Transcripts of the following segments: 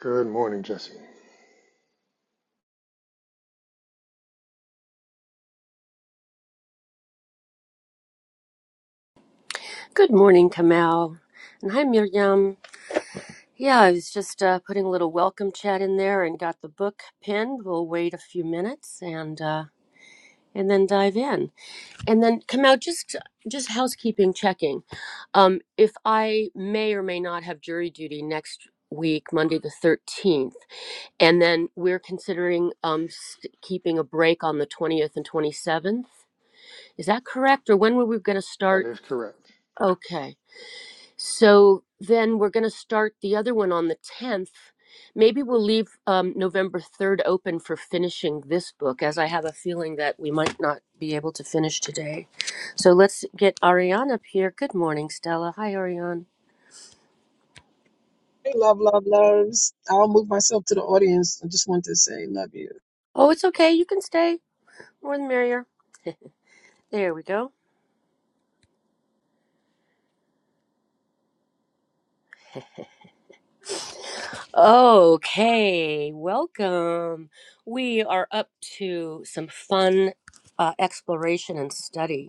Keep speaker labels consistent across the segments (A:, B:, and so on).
A: Good morning, Jesse.
B: Good morning, Kamal. And hi, Miriam. Yeah, I was just uh, putting a little welcome chat in there and got the book pinned. We'll wait a few minutes and uh, and then dive in. And then Kamal, just just housekeeping checking. Um, if I may or may not have jury duty next week, Monday the thirteenth, and then we're considering um, st- keeping a break on the twentieth and twenty seventh. Is that correct, or when were we going to
A: That
B: start?
A: is correct.
B: Okay. So then we're going to start the other one on the 10th. Maybe we'll leave um, November 3rd open for finishing this book, as I have a feeling that we might not be able to finish today. So let's get Ariane up here. Good morning, Stella. Hi, Ariane.
C: Hey, love, love, loves. I'll move myself to the audience. I just want to say, love you.
B: Oh, it's okay. You can stay. More the merrier. There we go. Okay, welcome. We are up to some fun uh, exploration and study.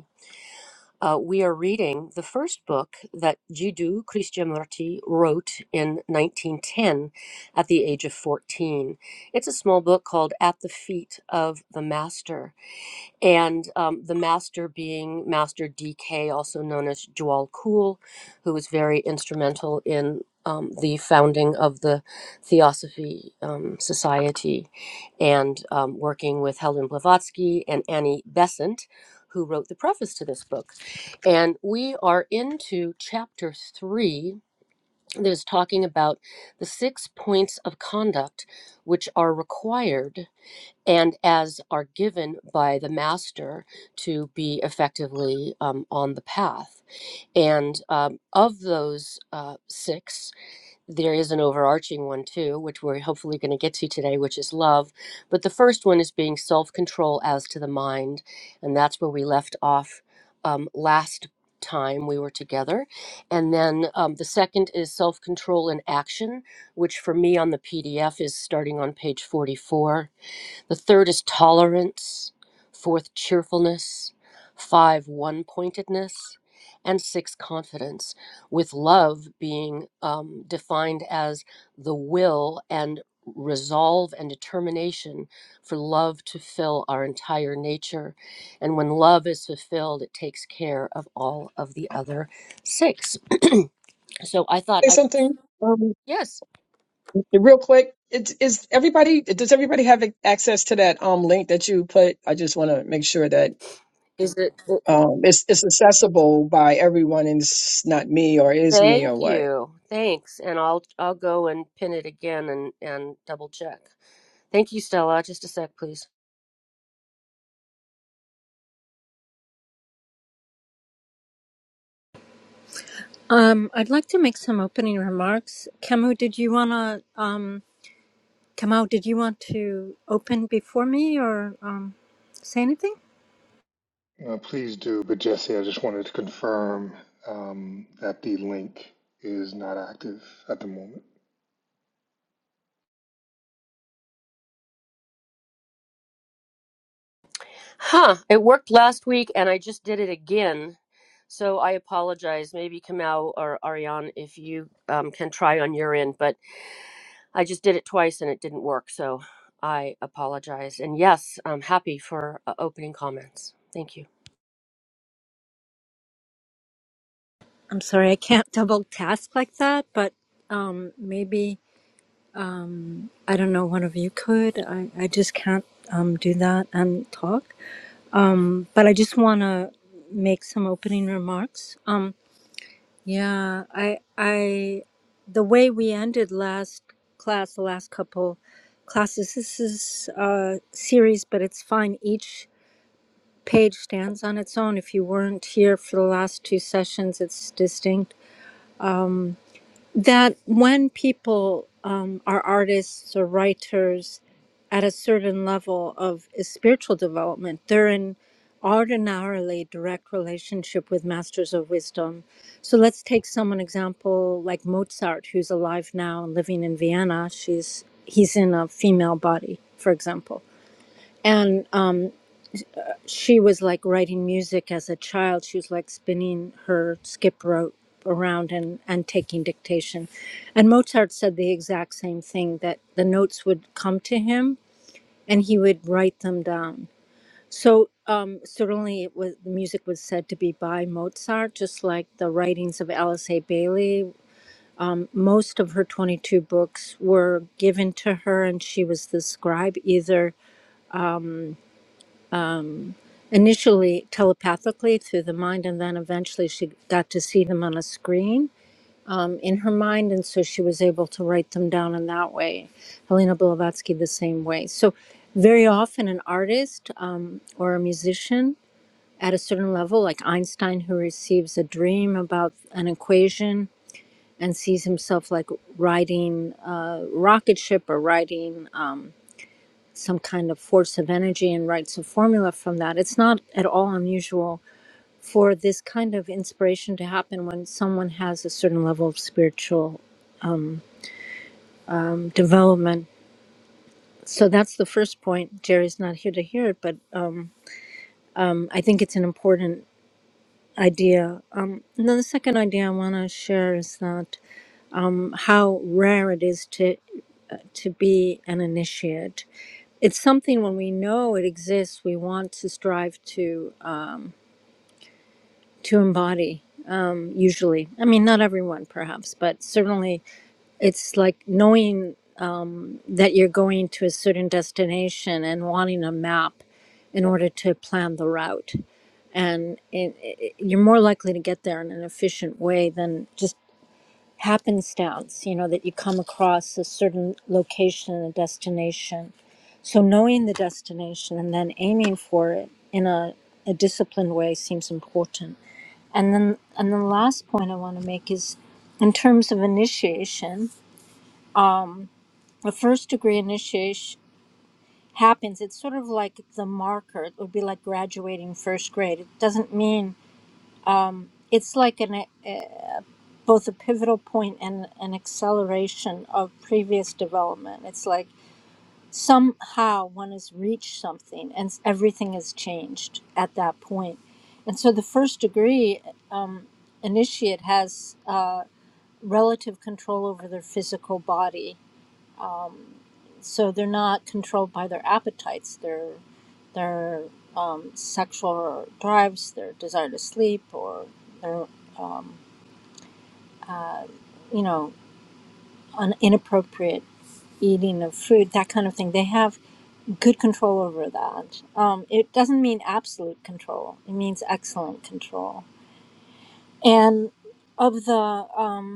B: Uh, we are reading the first book that Jiddu Krishnamurti wrote in 1910 at the age of 14. It's a small book called At the Feet of the Master and um, the master being Master DK, also known as Jual Kool, who was very instrumental in um, the founding of the Theosophy um, Society and um, working with Helen Blavatsky and Annie Besant, who wrote the preface to this book. And we are into chapter three that is talking about the six points of conduct which are required and as are given by the master to be effectively um, on the path. And um, of those uh, six, there is an overarching one too, which we're hopefully going to get to today, which is love. But the first one is being self control as to the mind. And that's where we left off um, last time we were together. And then um, the second is self control in action, which for me on the PDF is starting on page 44 the third is tolerance, fourth, cheerfulness, five, one pointedness, and six, confidence, with love being um, defined as the will and resolve and determination for love to fill our entire nature. And when love is fulfilled, it takes care of all of the other six. so I thought,
C: Say
B: I,
C: something um,
B: yes,
C: real quick. It's is everybody? Does everybody have access to that um link that you put? I just want to make sure that
B: is it?
C: um it's it's accessible by everyone, and it's not me or is me or
B: Thank
C: what.
B: you. Thanks. And I'll I'll go and pin it again and and double check. Thank you, Stella. Just a sec, please.
D: Um, I'd like to make some opening remarks. Camus, did you wanna um Kamau, did you want to open before me or um say anything?
A: Uh, please do, but Jesse, I just wanted to confirm um, that the link is not active at the moment.
B: Huh. It worked last week and I just did it again. So I apologize. Maybe Kamau or Ariane if you um, can try on your end, but I just did it twice and it didn't work. So I apologize. And yes, I'm happy for uh, opening comments. Thank you.
D: I'm sorry, I can't double task like that, but um maybe um I don't know, one of you could. I, I just can't um do that and talk. Um, But I just wanna make some opening remarks. Um Yeah, I I the way we ended last class, the last couple classes, this is a series, but it's fine. Each page stands on its own. If you weren't here for the last two sessions, it's distinct that when people um, are artists or writers at a certain level of spiritual development, they're in ordinarily direct relationship with masters of wisdom. So let's take someone example like Mozart, who's alive now and living in Vienna. She's he's in a female body, for example, and um, she was like writing music as a child. She was like spinning her skip rope around and, and taking dictation. And Mozart said the exact same thing that the notes would come to him and he would write them down. So um, certainly it was the music was said to be by Mozart, just like the writings of Alice A. Bailey. Most of her 22 books were given to her and she was the scribe either initially telepathically through the mind and then eventually she got to see them on a screen um, in her mind and so she was able to write them down in that way helena blavatsky the same way so very often an artist um, or a musician at a certain level like einstein who receives a dream about an equation and sees himself like riding a rocket ship or riding um, some kind of force of energy and writes a formula from that it's not at all unusual for this kind of inspiration to happen when someone has a certain level of spiritual um, development. So that's the first point. Jerry's not here to hear it, but um, I think it's an important idea. Um, and then the second idea I want to share is that um, how rare it is to to be an initiate. It's something when we know it exists, we want to strive to uh, to embody. um, Usually, I mean, not everyone, perhaps, but certainly, it's like knowing that you're going to a certain destination and wanting a map in order to plan the route. And it, it, you're more likely to get there in an efficient way than just happenstance, you know, that you come across a certain location and a destination. So knowing the destination and then aiming for it in a, a disciplined way seems important. And then, and the last point I want to make is in terms of initiation, a first degree initiation. happens it's sort of like the marker it would be like graduating first grade it doesn't mean it's like an a, both a pivotal point and an acceleration of previous development it's like somehow one has reached something and s- everything has changed at that point point. and so the first degree um, initiate has uh, relative control over their physical body Um, so they're not controlled by their appetites, their their um, sexual drives, their desire to sleep, or their um, uh, you know un- inappropriate eating of food, that kind of thing. They have good control over that. Um, it doesn't mean absolute control. It means excellent control. And of the um,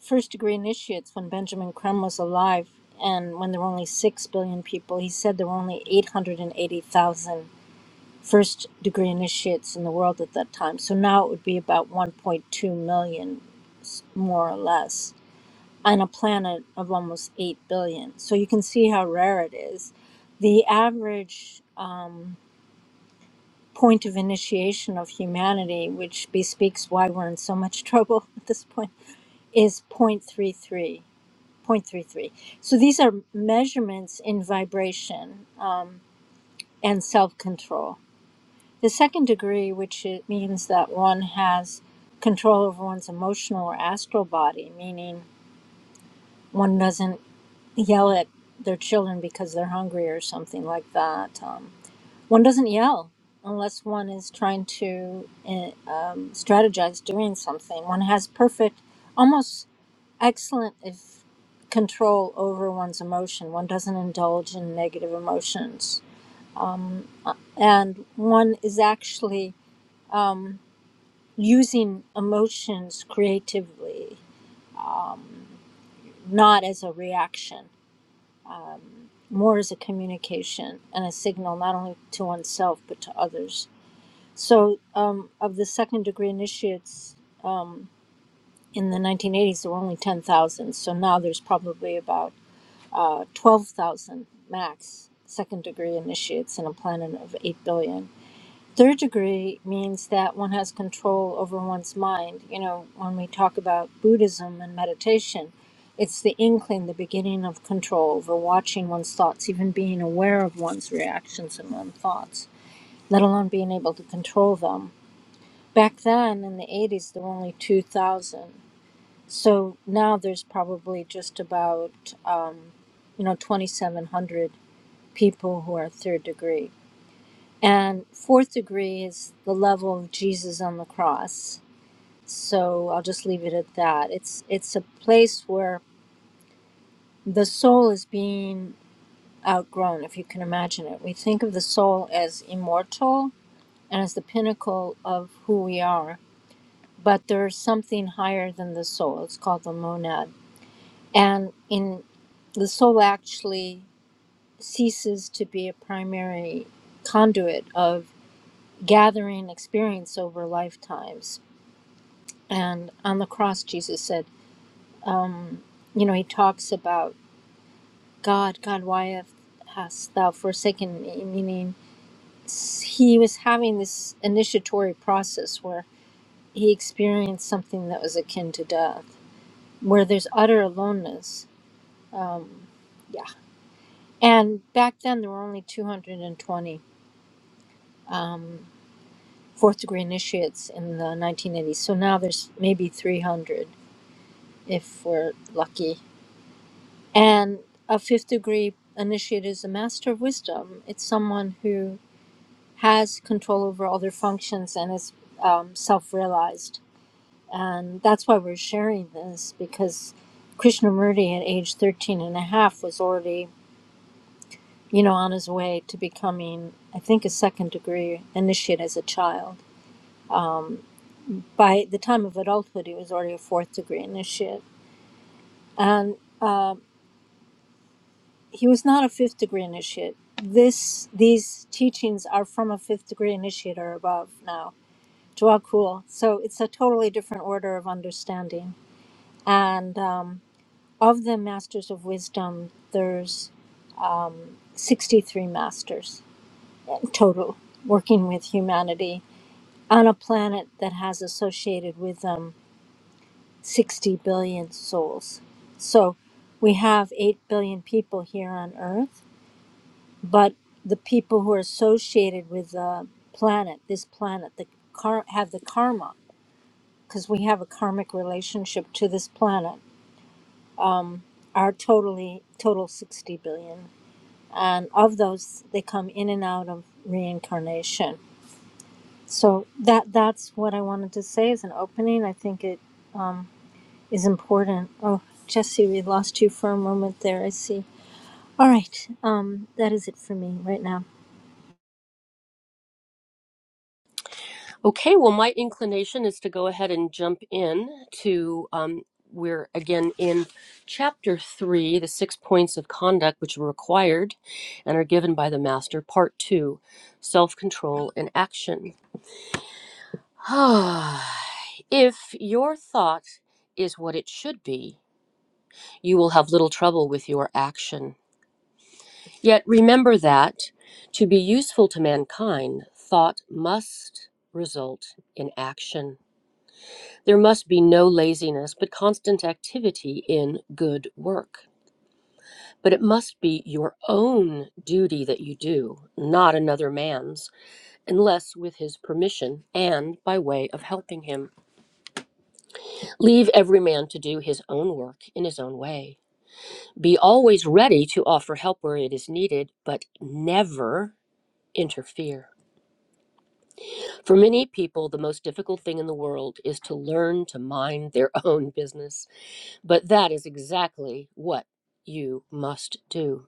D: first degree initiates when Benjamin Krem was alive and when there were only 6 billion people. He said there were only 880,000 first degree initiates in the world at that time. So now it would be about 1.2 million, s- more or less, on a planet of almost 8 billion. So you can see how rare it is. The average um, point of initiation of humanity, which bespeaks why we're in so much trouble at this point, is 0.33 0.33. So these are measurements in vibration um, and self control. The second degree, which it means that one has control over one's emotional or astral body, meaning one doesn't yell at their children because they're hungry or something like that. Um, one doesn't yell unless one is trying to uh, um, strategize doing something. One has perfect, almost excellent if control over one's emotion. One doesn't indulge in negative emotions. Um, uh, and one is actually um, using emotions creatively, um, not as a reaction, um, more as a communication and a signal, not only to oneself, but to others. So, um, of the second degree initiates um, in the 1980s, there were only 10,000. So now there's probably about uh, 12,000 max. Second degree initiates in a planet of 8 billion. Third degree means that one has control over one's mind. You know, when we talk about Buddhism and meditation, it's the inkling, the beginning of control over watching one's thoughts, even being aware of one's reactions and one's thoughts, let alone being able to control them. Back then in the 80s, there were only 2,000. So now there's probably just about, um, you know, 2,700 people who are third degree. And fourth degree is the level of Jesus on the cross. So I'll just leave it at that. It's it's a place where the soul is being outgrown, if you can imagine it. We think of the soul as immortal and as the pinnacle of who we are, but there's something higher than the soul. It's called the monad. And in the soul actually ceases to be a primary conduit of gathering experience over lifetimes. And on the cross, Jesus said, you know, he talks about God, God, why have- hast thou forsaken me? Meaning, s- he was having this initiatory process where he experienced something that was akin to death, where there's utter aloneness. Um, yeah. And back then, there were only 220 um, fourth degree initiates in the 1980s. So now there's maybe 300 if we're lucky And a fifth degree initiate is a master of wisdom. It's someone who has control over all their functions and is um, self realized. And that's why we're sharing this because Krishnamurti at age 13 and a half, was already, you know, on his way to becoming, I think, a second degree initiate as a child. By the time of adulthood, he was already a fourth degree initiate. And um, he was not a fifth degree initiate. This these teachings are from a fifth degree initiate or above now. Dwakul. So it's a totally different order of understanding. And um, of the masters of wisdom, there's 63 masters total working with humanity on a planet that has associated with them 60 billion souls. So we have 8 billion people here on Earth but the people who are associated with the planet, this planet, the car have the karma because we have a karmic relationship to this planet. Are totally total sixty billion, and of those they come in and out of reincarnation. So that that's what I wanted to say as an opening. I think it um, is important. Oh, Jesse, we lost you for a moment there. I see. All right, um, that is it for me right now.
B: Okay, well, my inclination is to go ahead and jump in to um, we're again in chapter three, the six points of conduct which are required and are given by the master, part two, self control and action. if your thought is what it should be, you will have little trouble with your action. Yet remember that to be useful to mankind, thought must result in action. There must be no laziness, but constant activity in good work. But it must be your own duty that you do, not another man's, unless with his permission and by way of helping him. Leave every man to do his own work in his own way. Be always ready to offer help where it is needed, but never interfere. For many people, the most difficult thing in the world is to learn to mind their own business. But that is exactly what you must do.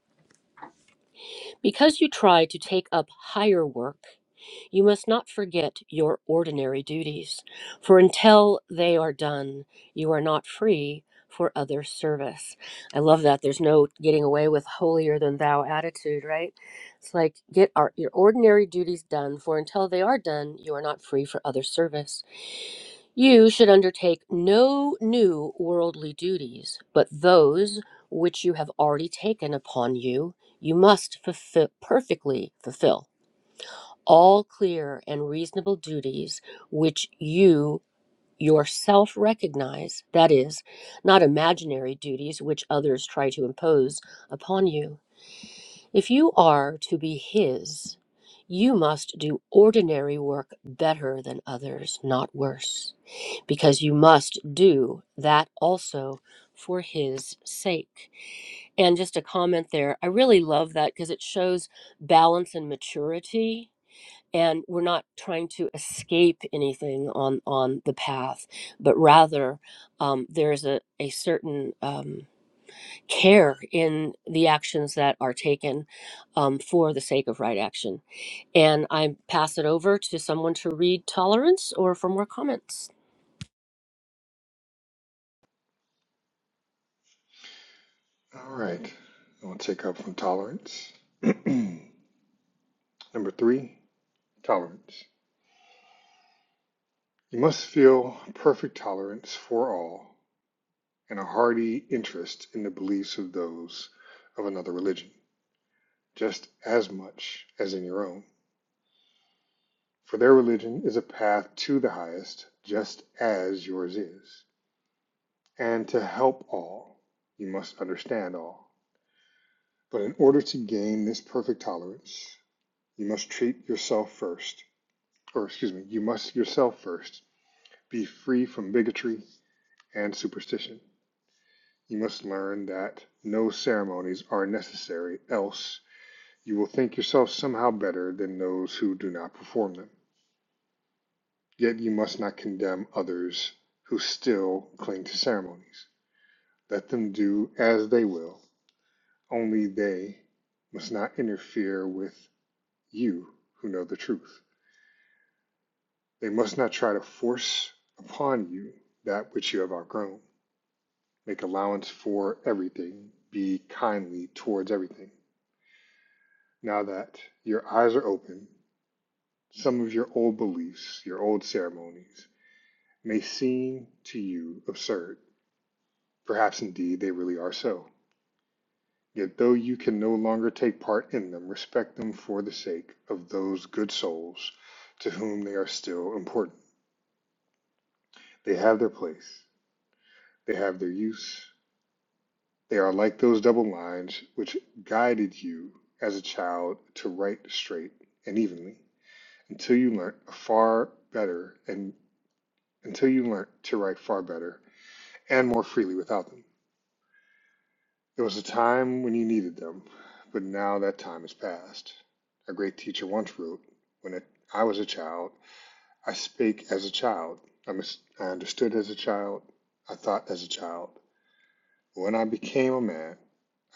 B: Because you try to take up higher work, you must not forget your ordinary duties, for until they are done, you are not free for other service. I love that. There's no getting away with holier than thou attitude, right? It's like get our, your ordinary duties done, for until they are done, you are not free for other service. You should undertake no new worldly duties, but those which you have already taken upon you, you must fulfill, perfectly fulfill. All clear and reasonable duties which you yourself recognize, that is, not imaginary duties which others try to impose upon you. If you are to be His, you must do ordinary work better than others, not worse because you must do that also for his sake. And just a comment there, I really love that because it shows balance and maturity and we're not trying to escape anything on on the path but rather um, there's a, a certain um, care in the actions that are taken um, for the sake of right action and i pass it over to someone to read tolerance or for more comments
A: All right, I'll take up from tolerance. Number three, tolerance. You must feel perfect tolerance for all and a hearty interest in the beliefs of those of another religion, just as much as in your own. For their religion is a path to the highest, just as yours is. And to help all, you must understand all. But in order to gain this perfect tolerance, you must treat yourself first, or excuse me, you must yourself first be free from bigotry and superstition. You must learn that no ceremonies are necessary, else you will think yourself somehow better than those who do not perform them. Yet you must not condemn others who still cling to ceremonies. Let them do as they will, Only they must not interfere with you who know the truth. They must not try to force upon you that which you have outgrown. Make allowance for everything. Be kindly towards everything. Now that your eyes are open, some of your old beliefs, your old ceremonies, may seem to you absurd. Perhaps indeed they really are so. Yet though you can no longer take part in them, respect them for the sake of those good souls to whom they are still important. They have their place. They have their use. They are like those double lines which guided you as a child to write straight and evenly until you learnt far better and until you learnt to write far better and more freely without them. There was a time when you needed them, but now that time is past. A great teacher once wrote, When it, I was a child, I spake as a child. I, mis- I understood as a child. I thought as a child. When I became a man,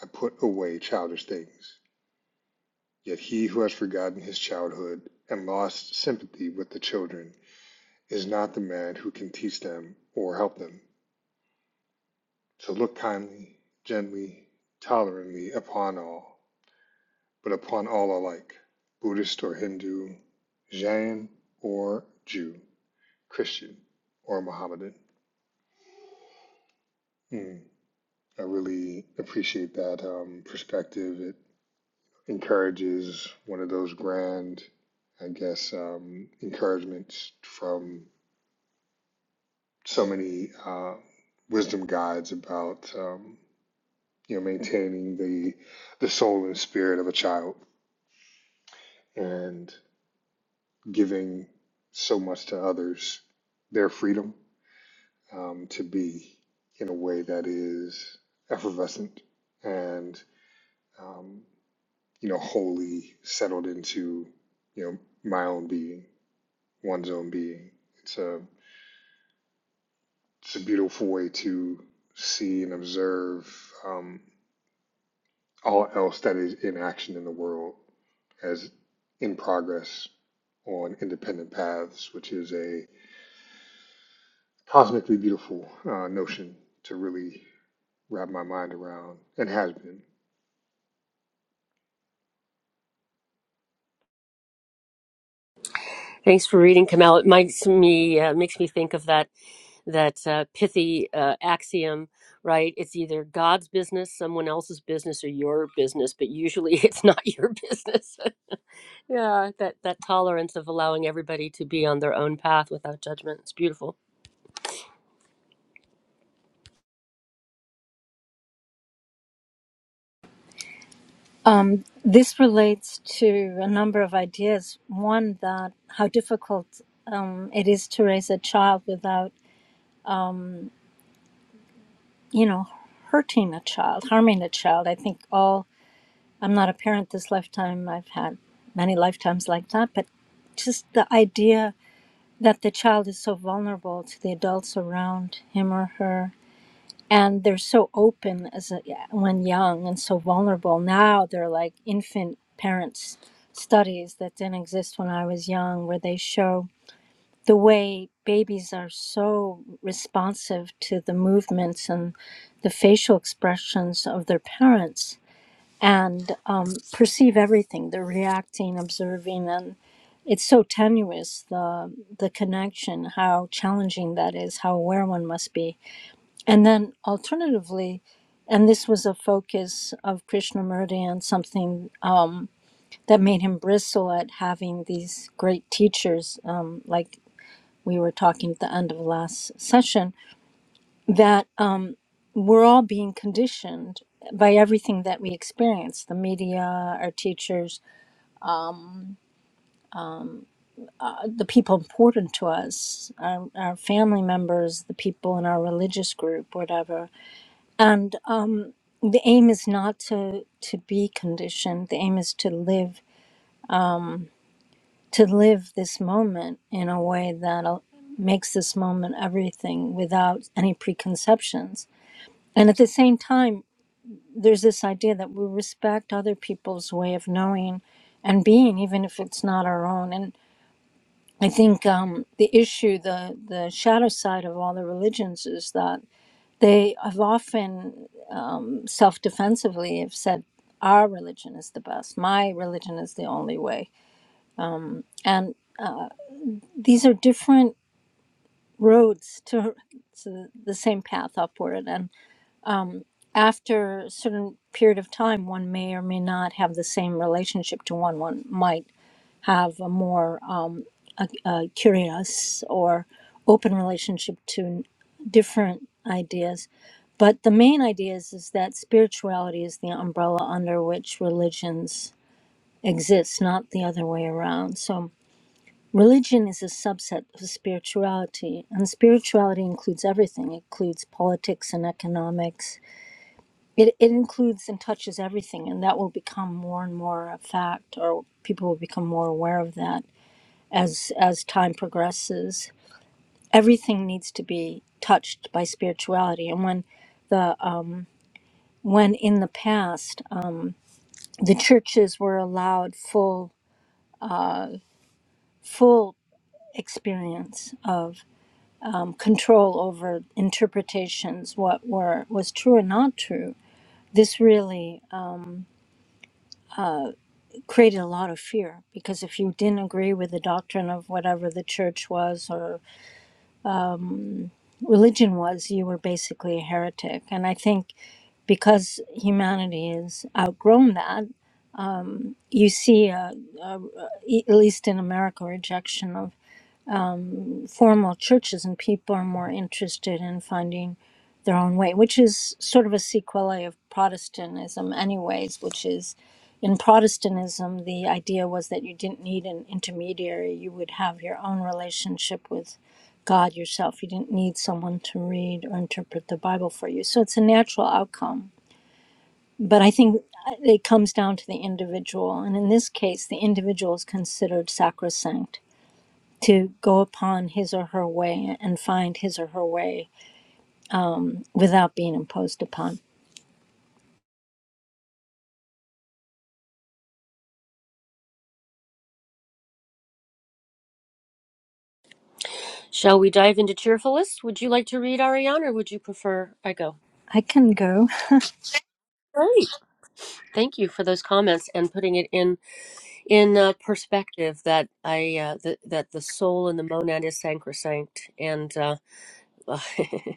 A: I put away childish things. Yet he who has forgotten his childhood and lost sympathy with the children is not the man who can teach them or help them. So look kindly, gently, tolerantly upon all but upon all alike Buddhist or Hindu, Jain or Jew, Christian or Mohammedan. Mm. I really appreciate that um, perspective. It encourages one of those grand, I guess, um, encouragements from so many uh, wisdom guides about um, you know maintaining the the soul and spirit of a child and giving so much to others, their freedom um, to be in a way that is effervescent and um, you know wholly settled into you know my own being, one's own being. It's a it's a beautiful way to see and observe um, all else that is in action in the world as in progress on independent paths, which is a cosmically beautiful uh, notion to really wrap my mind around and has been.
B: Thanks for reading, Kamal. It makes me uh, makes me think of that that uh, pithy uh, axiom, right? It's either God's business, someone else's business, or your business, but usually it's not your business. yeah, that that tolerance of allowing everybody to be on their own path without judgment. It's beautiful.
D: Um, this relates to a number of ideas. One, that how difficult um, it is to raise a child without, you know, hurting a child, harming a child. I think all, I'm not a parent this lifetime, I've had many lifetimes like that, but just the idea that the child is so vulnerable to the adults around him or her and they're so open as a, yeah, when young and so vulnerable now they're like infant parents studies that didn't exist when i was young where they show the way babies are so responsive to the movements and the facial expressions of their parents and um, perceive everything they're reacting observing and it's so tenuous the the connection how challenging that is how aware one must be and then alternatively, and this was a focus of Krishnamurti and something uh, that made him bristle at having these great teachers, um, like we were talking at the end of last session, that um, we're all being conditioned by everything that we experience the media, our teachers, the people important to us, our, our family members, the people in our religious group, whatever. and the aim is not to to be conditioned the aim is to live to live this moment in a way that al- makes this moment everything without any preconceptions and at the same time there's this idea that we respect other people's way of knowing and being even if it's not our own and i think um, the issue the the shadow side of all the religions is that they have often self defensively have said, Our religion is the best, my religion is the only way. And these are different roads to, to the same path upward. And after a certain period of time, one may or may not have the same relationship to one. One might have a more um, a, a curious or open relationship to different ideas. But the main idea is, is that spirituality is the umbrella under which religions exists, not the other way around. So, religion is a subset of spirituality, and spirituality includes everything. It includes politics and economics. It, it includes and touches everything, and that will become more and more a fact, or people will become more aware of that as as time progresses. Everything needs to be touched by spirituality, and when the uh, when in the past uh, the churches were allowed full full experience of control over interpretations, what were was true and not true. This really uh, created a lot of fear because if you didn't agree with the doctrine of whatever the church was or religion was, you were basically a heretic. And I think because humanity has outgrown that, you see, uh, e- at least in America, rejection of formal churches and people are more interested in finding their own way, which is sort of a sequelae of Protestantism, anyways, which is in Protestantism, the idea was that you didn't need an intermediary. You would have your own relationship with God yourself. You didn't need someone to read or interpret the Bible for you. So it's a natural outcome. But I think it comes down to the individual. And in this case, the individual is considered sacrosanct to go upon his or her way and find his or her way without being imposed upon.
B: Shall we dive into cheerful list? Would you like to read Ariane, or would you prefer I go?
D: I can go.
B: Great. Thank you for those comments and putting it in in uh, perspective that I uh, th- that the soul and the monad is sacrosanct, and uh,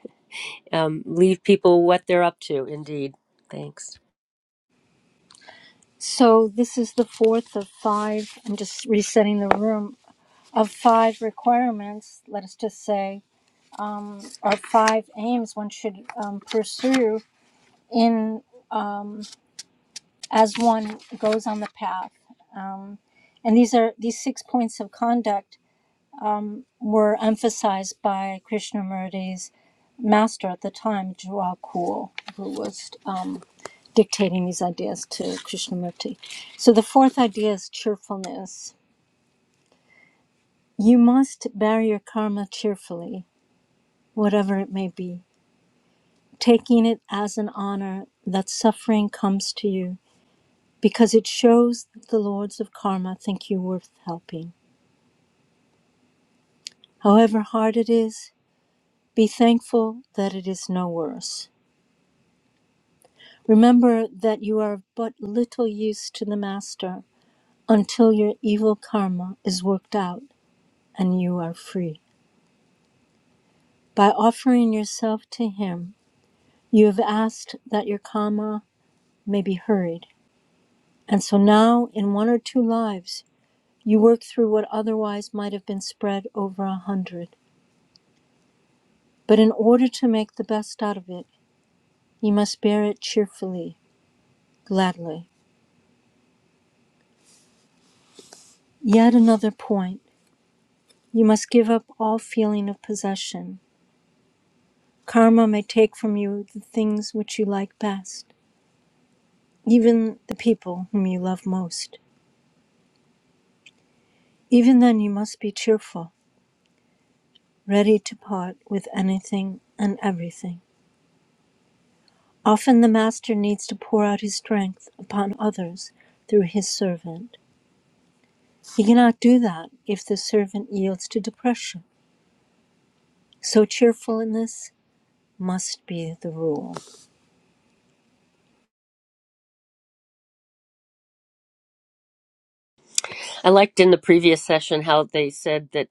B: um, leave people what they're up to. Indeed, thanks.
D: So this is the fourth of five. I'm just resetting the room of five requirements. Let us just say, or five aims one should um, pursue in um, as one goes on the path. Um, and these are these six points of conduct were emphasized by Krishnamurti's master at the time, Juakul, who was um, dictating these ideas to Krishnamurti. So the fourth idea is cheerfulness. You must bear your karma cheerfully, whatever it may be, taking it as an honor that suffering comes to you because it shows that the lords of karma think you worth helping. However hard it is, be thankful that it is no worse. Remember that you are of but little use to the master until your evil karma is worked out and you are free. By offering yourself to Him, you have asked that your karma may be hurried. And so now, in one or two lives, you work through what otherwise might have been spread over a hundred. But in order to make the best out of it, you must bear it cheerfully, gladly. Yet another point you must give up all feeling of possession. Karma may take from you the things which you like best even the people whom you love most. Even then, you must be cheerful, ready to part with anything and everything. Often, the master needs to pour out his strength upon others through his servant. He cannot do that if the servant yields to depression. So, cheerfulness must be the rule.
B: I liked in the previous session how they said that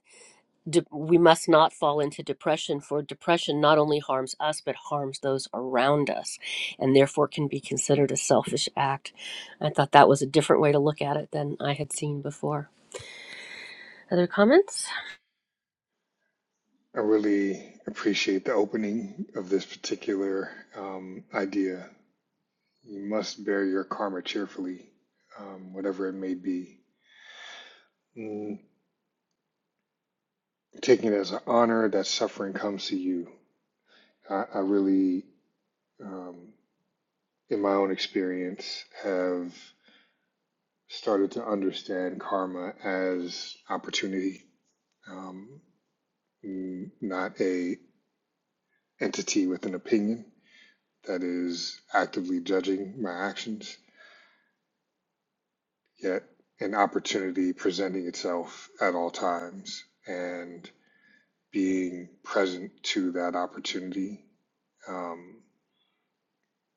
B: de- we must not fall into depression, for depression not only harms us but harms those around us, and therefore can be considered a selfish act. I thought that was a different way to look at it than I had seen before. Other comments?
A: I really appreciate the opening of this particular um, idea. You must bear your karma cheerfully, um, whatever it may be. Mm, taking it as an honor that suffering comes to you. I, I really, um, in my own experience, have started to understand karma as opportunity, um, not a entity with an opinion that is actively judging my actions yet an opportunity presenting itself at all times and being present to that opportunity, um,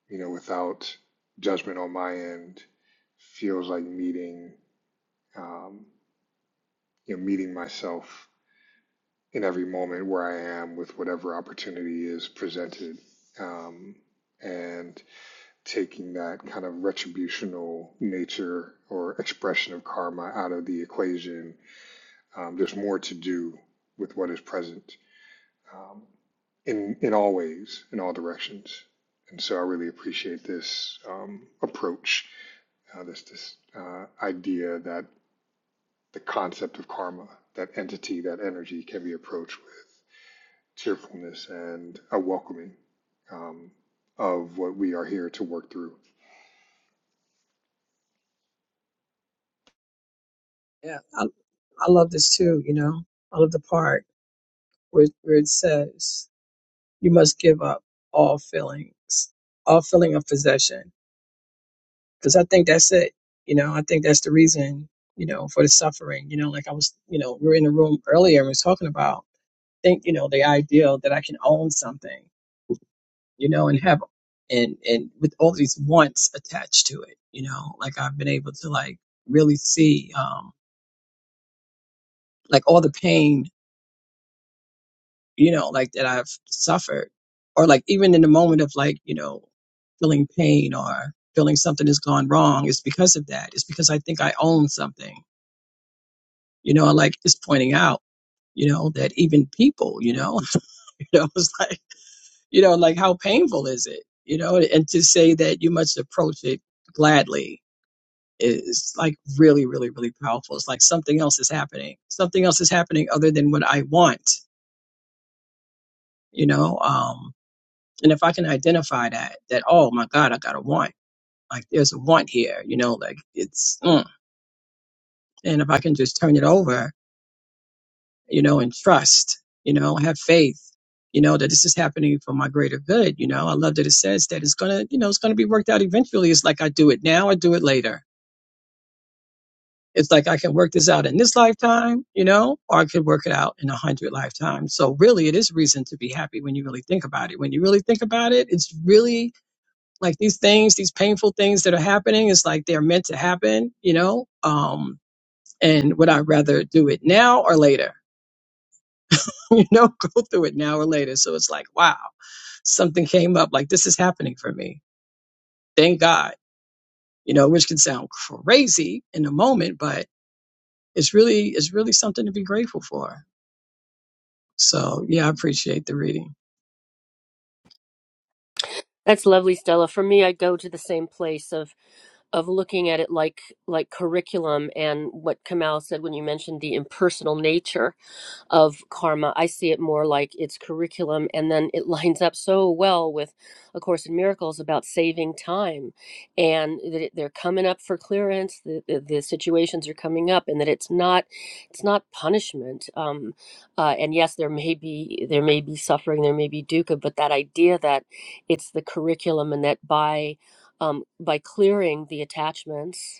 A: you know, without judgment on my end, feels like meeting, um, you know, meeting myself in every moment where I am with whatever opportunity is presented. Um, and taking that kind of retributional nature or expression of karma out of the equation Um, there's more to do with what is present um, in in all ways, in all directions. And so I really appreciate this um, approach, uh, this this uh, idea that the concept of karma, that entity, that energy, can be approached with cheerfulness and a welcoming um, of what we are here to work through.
C: Yeah, I I love this too, you know. I love the part where, where it says, you must give up all feelings, all feeling of possession. Because I think that's it. You know, I think that's the reason, you know, for the suffering. You know, like I was, you know, we were in the room earlier and we was talking about, think, you know, the ideal that I can own something, you know, and have, and, and with all these wants attached to it, you know, like I've been able to like really see, um, like all the pain you know, like that I've suffered, or like even in the moment of like, you know, feeling pain or feeling something has gone wrong, it's because of that. It's because I think I own something, you know, and, like it's pointing out, you know, that even people, you know, you know, it's like, you know, like how painful is it, you know, and to say that you must approach it gladly is like really, really, really powerful. It's like something else is happening. Something else is happening other than what I want, you know, um, And if I can identify that, that, oh my God, I got a want. Like there's a want here, you know, like it's, mm. and if I can just turn it over, you know, and trust, you know, have faith, you know, that this is happening for my greater good. You know, I love that it says that it's going to, you know, it's going to be worked out eventually. It's like I do it now, I do it later. It's like I can work this out in this lifetime, you know, or I could work it out in a hundred lifetimes. So really it is reason to be happy when you really think about it. When you really think about it, it's really Like these things, these painful things that are happening is like they're meant to happen, you know? Um, and would I rather do it now or later? you know, go through it now or later. So it's like, wow, something came up, like this is happening for me. Thank God. You know, which can sound crazy in the moment, but it's really it's really something to be grateful for. So yeah, I appreciate the reading.
B: That's lovely, Stella. For me, I go to the same place of of looking at it like like curriculum and what Kamal said when you mentioned the impersonal nature of karma. I see it more like its curriculum, and then it lines up so well with A Course in Miracles about saving time and that it, they're coming up for clearance, the, the, the situations are coming up, and that it's not it's not punishment. Um, uh, and yes, there may be there may be suffering, there may be dukkha, but that idea that it's the curriculum and that by um, by clearing the attachments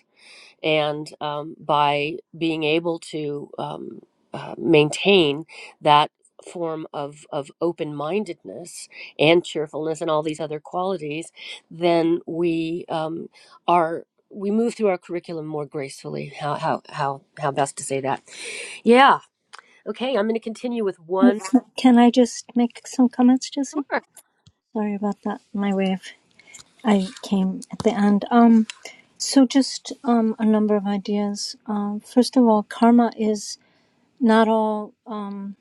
B: and um, by being able to um, uh, maintain that form of, of open mindedness and cheerfulness and all these other qualities, then we um, are we move through our curriculum more gracefully. How how how how best to say that? Yeah. Okay. I'm going to continue with one.
D: Can I just make some comments, Jesse?
B: Sure.
D: Sorry about that. My way of I came at the end. Um, so just um, a number of ideas. Um, first of all, karma is not all um,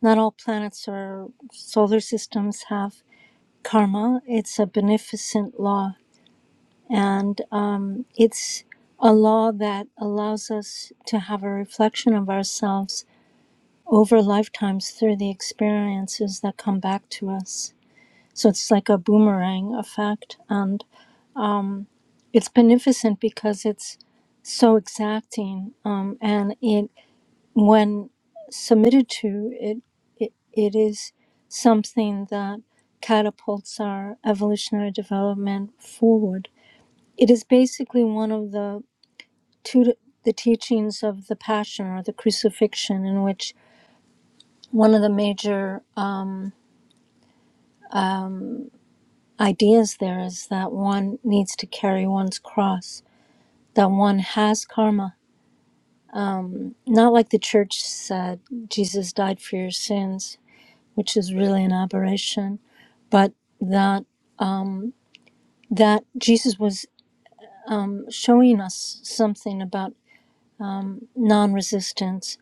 D: not all planets or solar systems have karma. It's a beneficent law, and um, it's a law that allows us to have a reflection of ourselves over lifetimes through the experiences that come back to us. So it's like a boomerang effect, and it's beneficent because it's so exacting um, and it when submitted to it, it it is something that catapults our evolutionary development forward it is basically one of the two the teachings of the passion or the crucifixion in which one of the major um, ideas there is that one needs to carry one's cross that one has karma Not like the church said, Jesus died for your sins, which is really an aberration, but that that Jesus was showing us something about non-resistance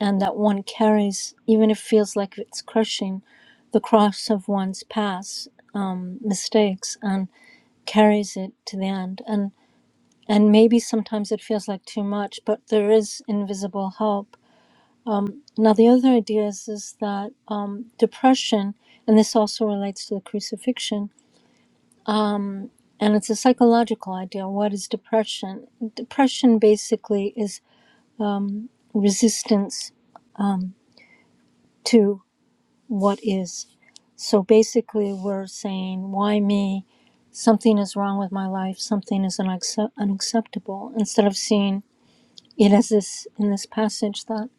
D: and that one carries even if it feels like it's crushing the cross of one's past mistakes and carries it to the end and and maybe sometimes it feels like too much but there is invisible hope Now, the other idea is, is that um, depression, and this also relates to the crucifixion, and it's a psychological idea. What is depression? Depression basically is resistance to what is. So basically, we're saying, why me? Something is wrong with my life. Something is unaccept- unacceptable. Instead of seeing it as this in this passage that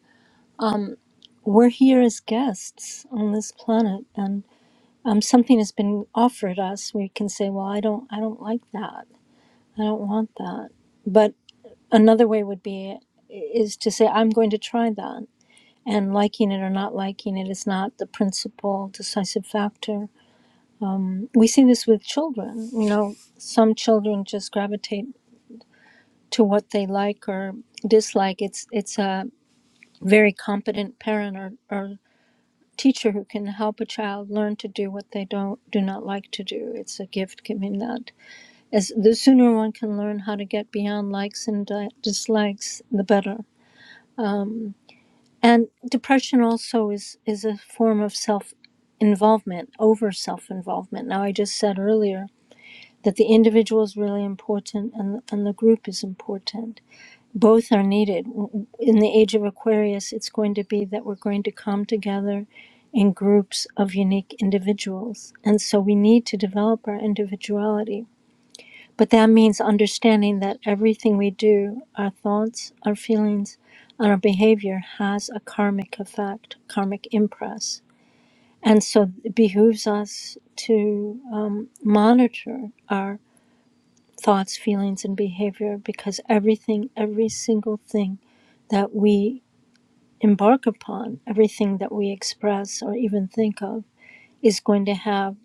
D: we're here as guests on this planet and um, something has been offered us, we can say, "Well, I don't, I don't like that. I don't want that." But another way would be is to say, "I'm going to try that." And liking it or not liking it is not the principal decisive factor. We see this with children. You know, some children just gravitate to what they like or dislike. It's it's a very competent parent or, or teacher who can help a child learn to do what they don't do not like to do. It's a gift given that As the sooner one can learn how to get beyond likes and di- dislikes, the better. And depression also is is a form of self involvement, over self involvement. Now I just said earlier that the individual is really important and and the group is important. Both are needed. In the age of Aquarius, it's going to be that we're going to come together in groups of unique individuals. And so we need to develop our individuality But that means understanding that everything we do, our thoughts, our feelings, and our behavior has a karmic effect, karmic impress. And so it behooves us to um, monitor our thoughts, feelings, and behavior because everything, every single thing that we embark upon, everything that we express or even think of, is going to have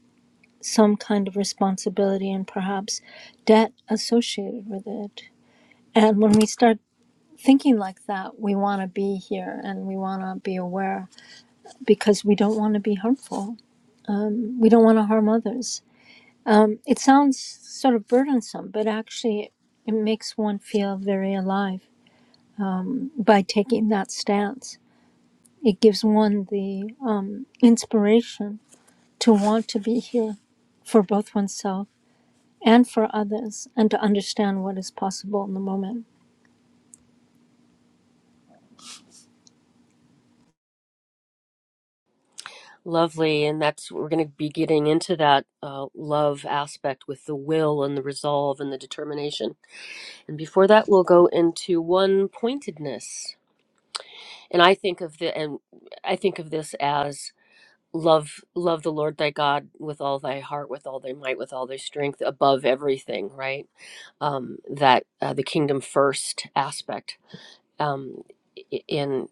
D: some kind of responsibility and perhaps debt associated with it. And when we start thinking like that, we want to be here and we want to be aware because we don't want to be harmful. We don't want to harm others. It sounds sort of burdensome, but actually, it makes one feel very alive by taking that stance. It gives one the uh, inspiration to want to be here for both oneself and for others and to understand what is possible in the moment.
B: Lovely, and that's we're going to be getting into that uh, love aspect with the will and the resolve and the determination And before that, we'll go into one pointedness. And I think of the and I think of this as love love the Lord thy God with all thy heart, with all thy might, with all thy strength, above everything. Right? Um, that uh, the kingdom first aspect. Um, i- in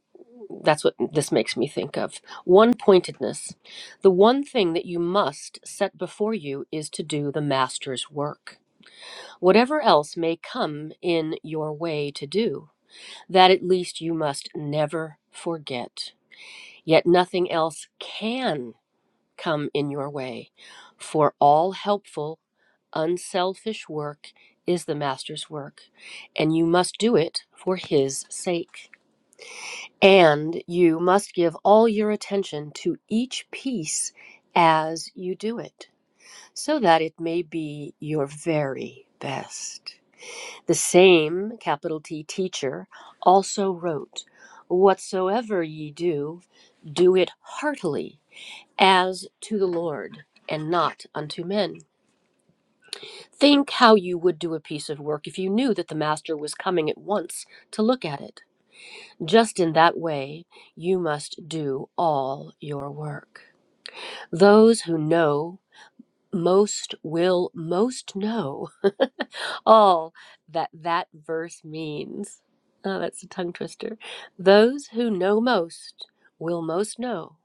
B: that's what this makes me think of. One pointedness. The one thing that you must set before you is to do the master's work. Whatever else may come in your way to do, that at least you must never forget. Yet nothing else can come in your way, for all helpful, unselfish work is the Master's work, and you must do it for His sake. And you must give all your attention to each piece as you do it, so that it may be your very best. The same, capital T, teacher also wrote, Whatsoever ye do, do it heartily, as to the Lord, and not unto men. Think how you would do a piece of work if you knew that the master was coming at once to look at it. Just in that way, you must do all your work. Those who know most will most know all that that verse means. Oh, that's a tongue twister. Those who know most will most know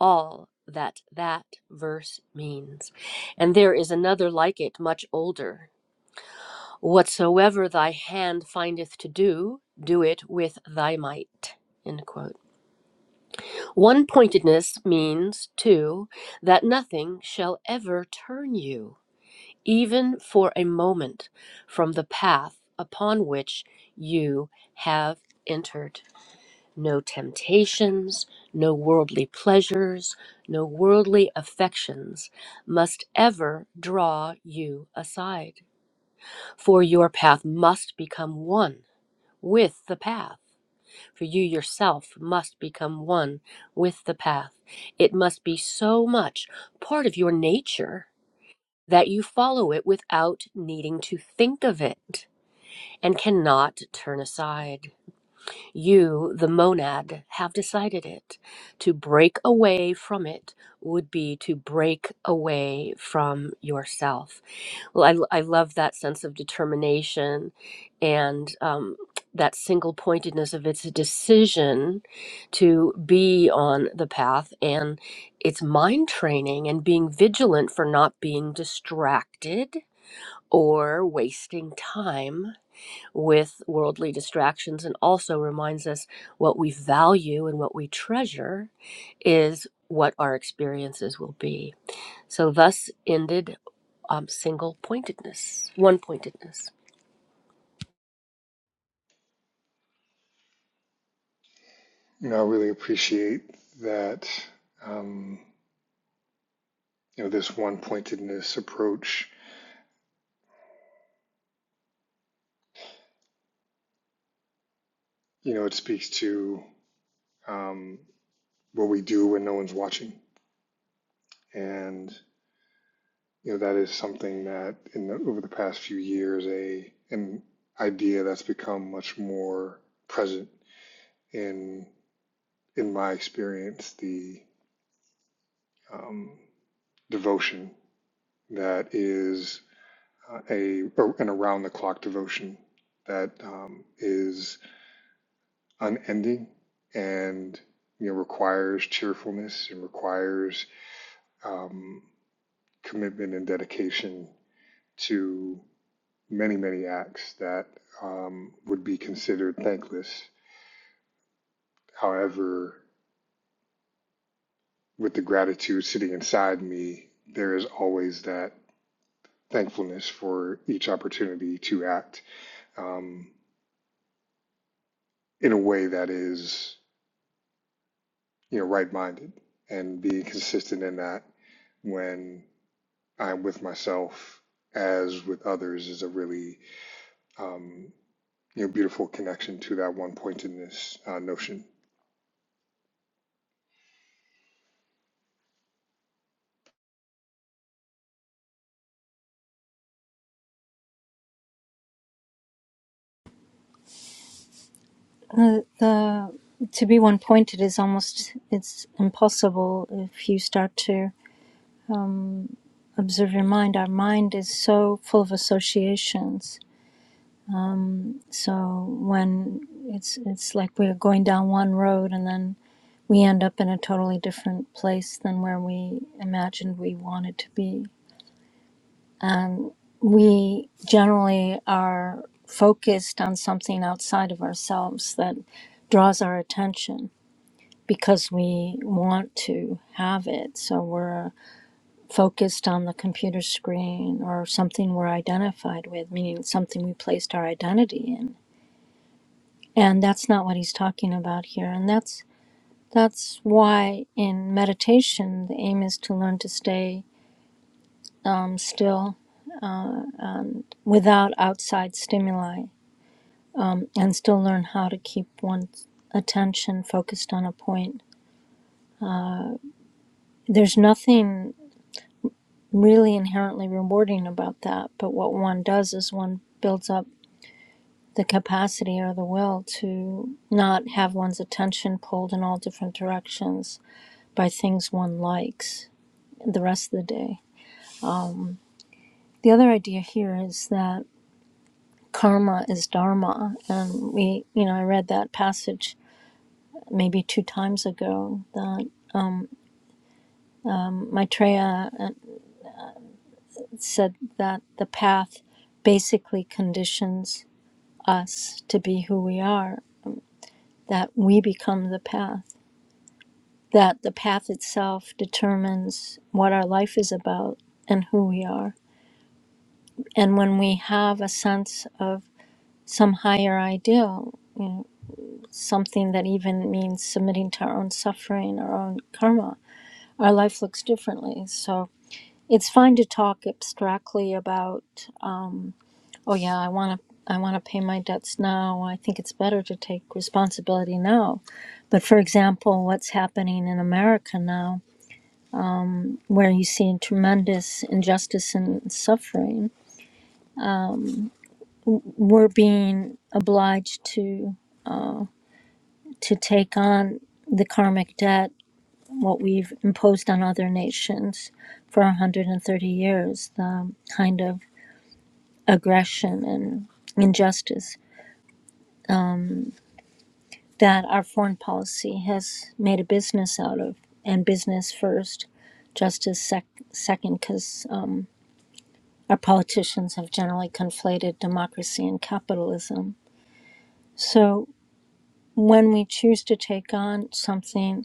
B: all that that verse means. And there is another like it, much older. Whatsoever thy hand findeth to do, do it with thy might. End quote. One pointedness means, too, that nothing shall ever turn you. even for a moment, from the path upon which you have entered. No temptations, no worldly pleasures, no worldly affections must ever draw you aside. For your path must become one with the path. For you yourself must become one with the path. It must be so much part of your nature that you follow it without needing to think of it and cannot turn aside. You, the monad, have decided it. To break away from it would be to break away from yourself. Well, I, I love that sense of determination and um, that single pointedness of it's a decision to be on the path and it's mind training and being vigilant for not being distracted or wasting time with worldly distractions and also reminds us what we value and what we treasure is what our experiences will be. So, thus ended um, single pointedness, one pointedness.
A: You know, I really appreciate that. Um, you know, this one pointedness approach. You know, it speaks to um, what we do when no one's watching. And you know that is something that in the, over the past few years, a an idea that's become much more present in in my experience, the um, devotion that is uh, a an around the clock devotion that um, is unending and you know requires cheerfulness and requires um, commitment and dedication to many, many acts that um, would be considered thankless. However, with the gratitude sitting inside me, there is always that thankfulness for each opportunity to act um, in a way that is, you know, right minded and being consistent in that when I'm with myself as with others is a really um, you know beautiful connection to that one pointedness uh, notion.
D: Uh, the to be one pointed is almost it's impossible if you start to observe your mind. Our mind is so full of associations. So when it's it's like we're going down one road and then we end up in a totally different place than where we imagined we wanted to be. We generally are focused on something outside of ourselves that draws our attention because we want to have it. So we're focused on the computer screen or something we're identified with, meaning something we placed our identity in. And that's not what he's talking about here. And that's that's why in meditation the aim is to learn to stay um, still without outside stimuli and still learn how to keep one's attention focused on a point. There's nothing really inherently rewarding about that. But what one does is one builds up the capacity or the will to not have one's attention pulled in all different directions by things one likes the rest of the day. The other idea here is that karma is dharma. And we, you know, I read that passage maybe two times ago that Maitreya uh, said that the path basically conditions us to be who we are that we become the path, that the path itself determines what our life is about and who we are. And when we have a sense of some higher ideal, you know, something that even means submitting to our own suffering, our own karma, our life looks differently. So it's fine to talk abstractly about, oh yeah, I want to. I want to pay my debts now. I think it's better to take responsibility now. But for example, what's happening in America now where you see tremendous injustice and suffering, we're being obliged to to take on the karmic debt, what we've imposed on other nations for 130 years, the kind of aggression and injustice that our foreign policy has made a business out of, and business first, justice sec- second, because uh, our politicians have generally conflated democracy and capitalism. So when we choose to take on something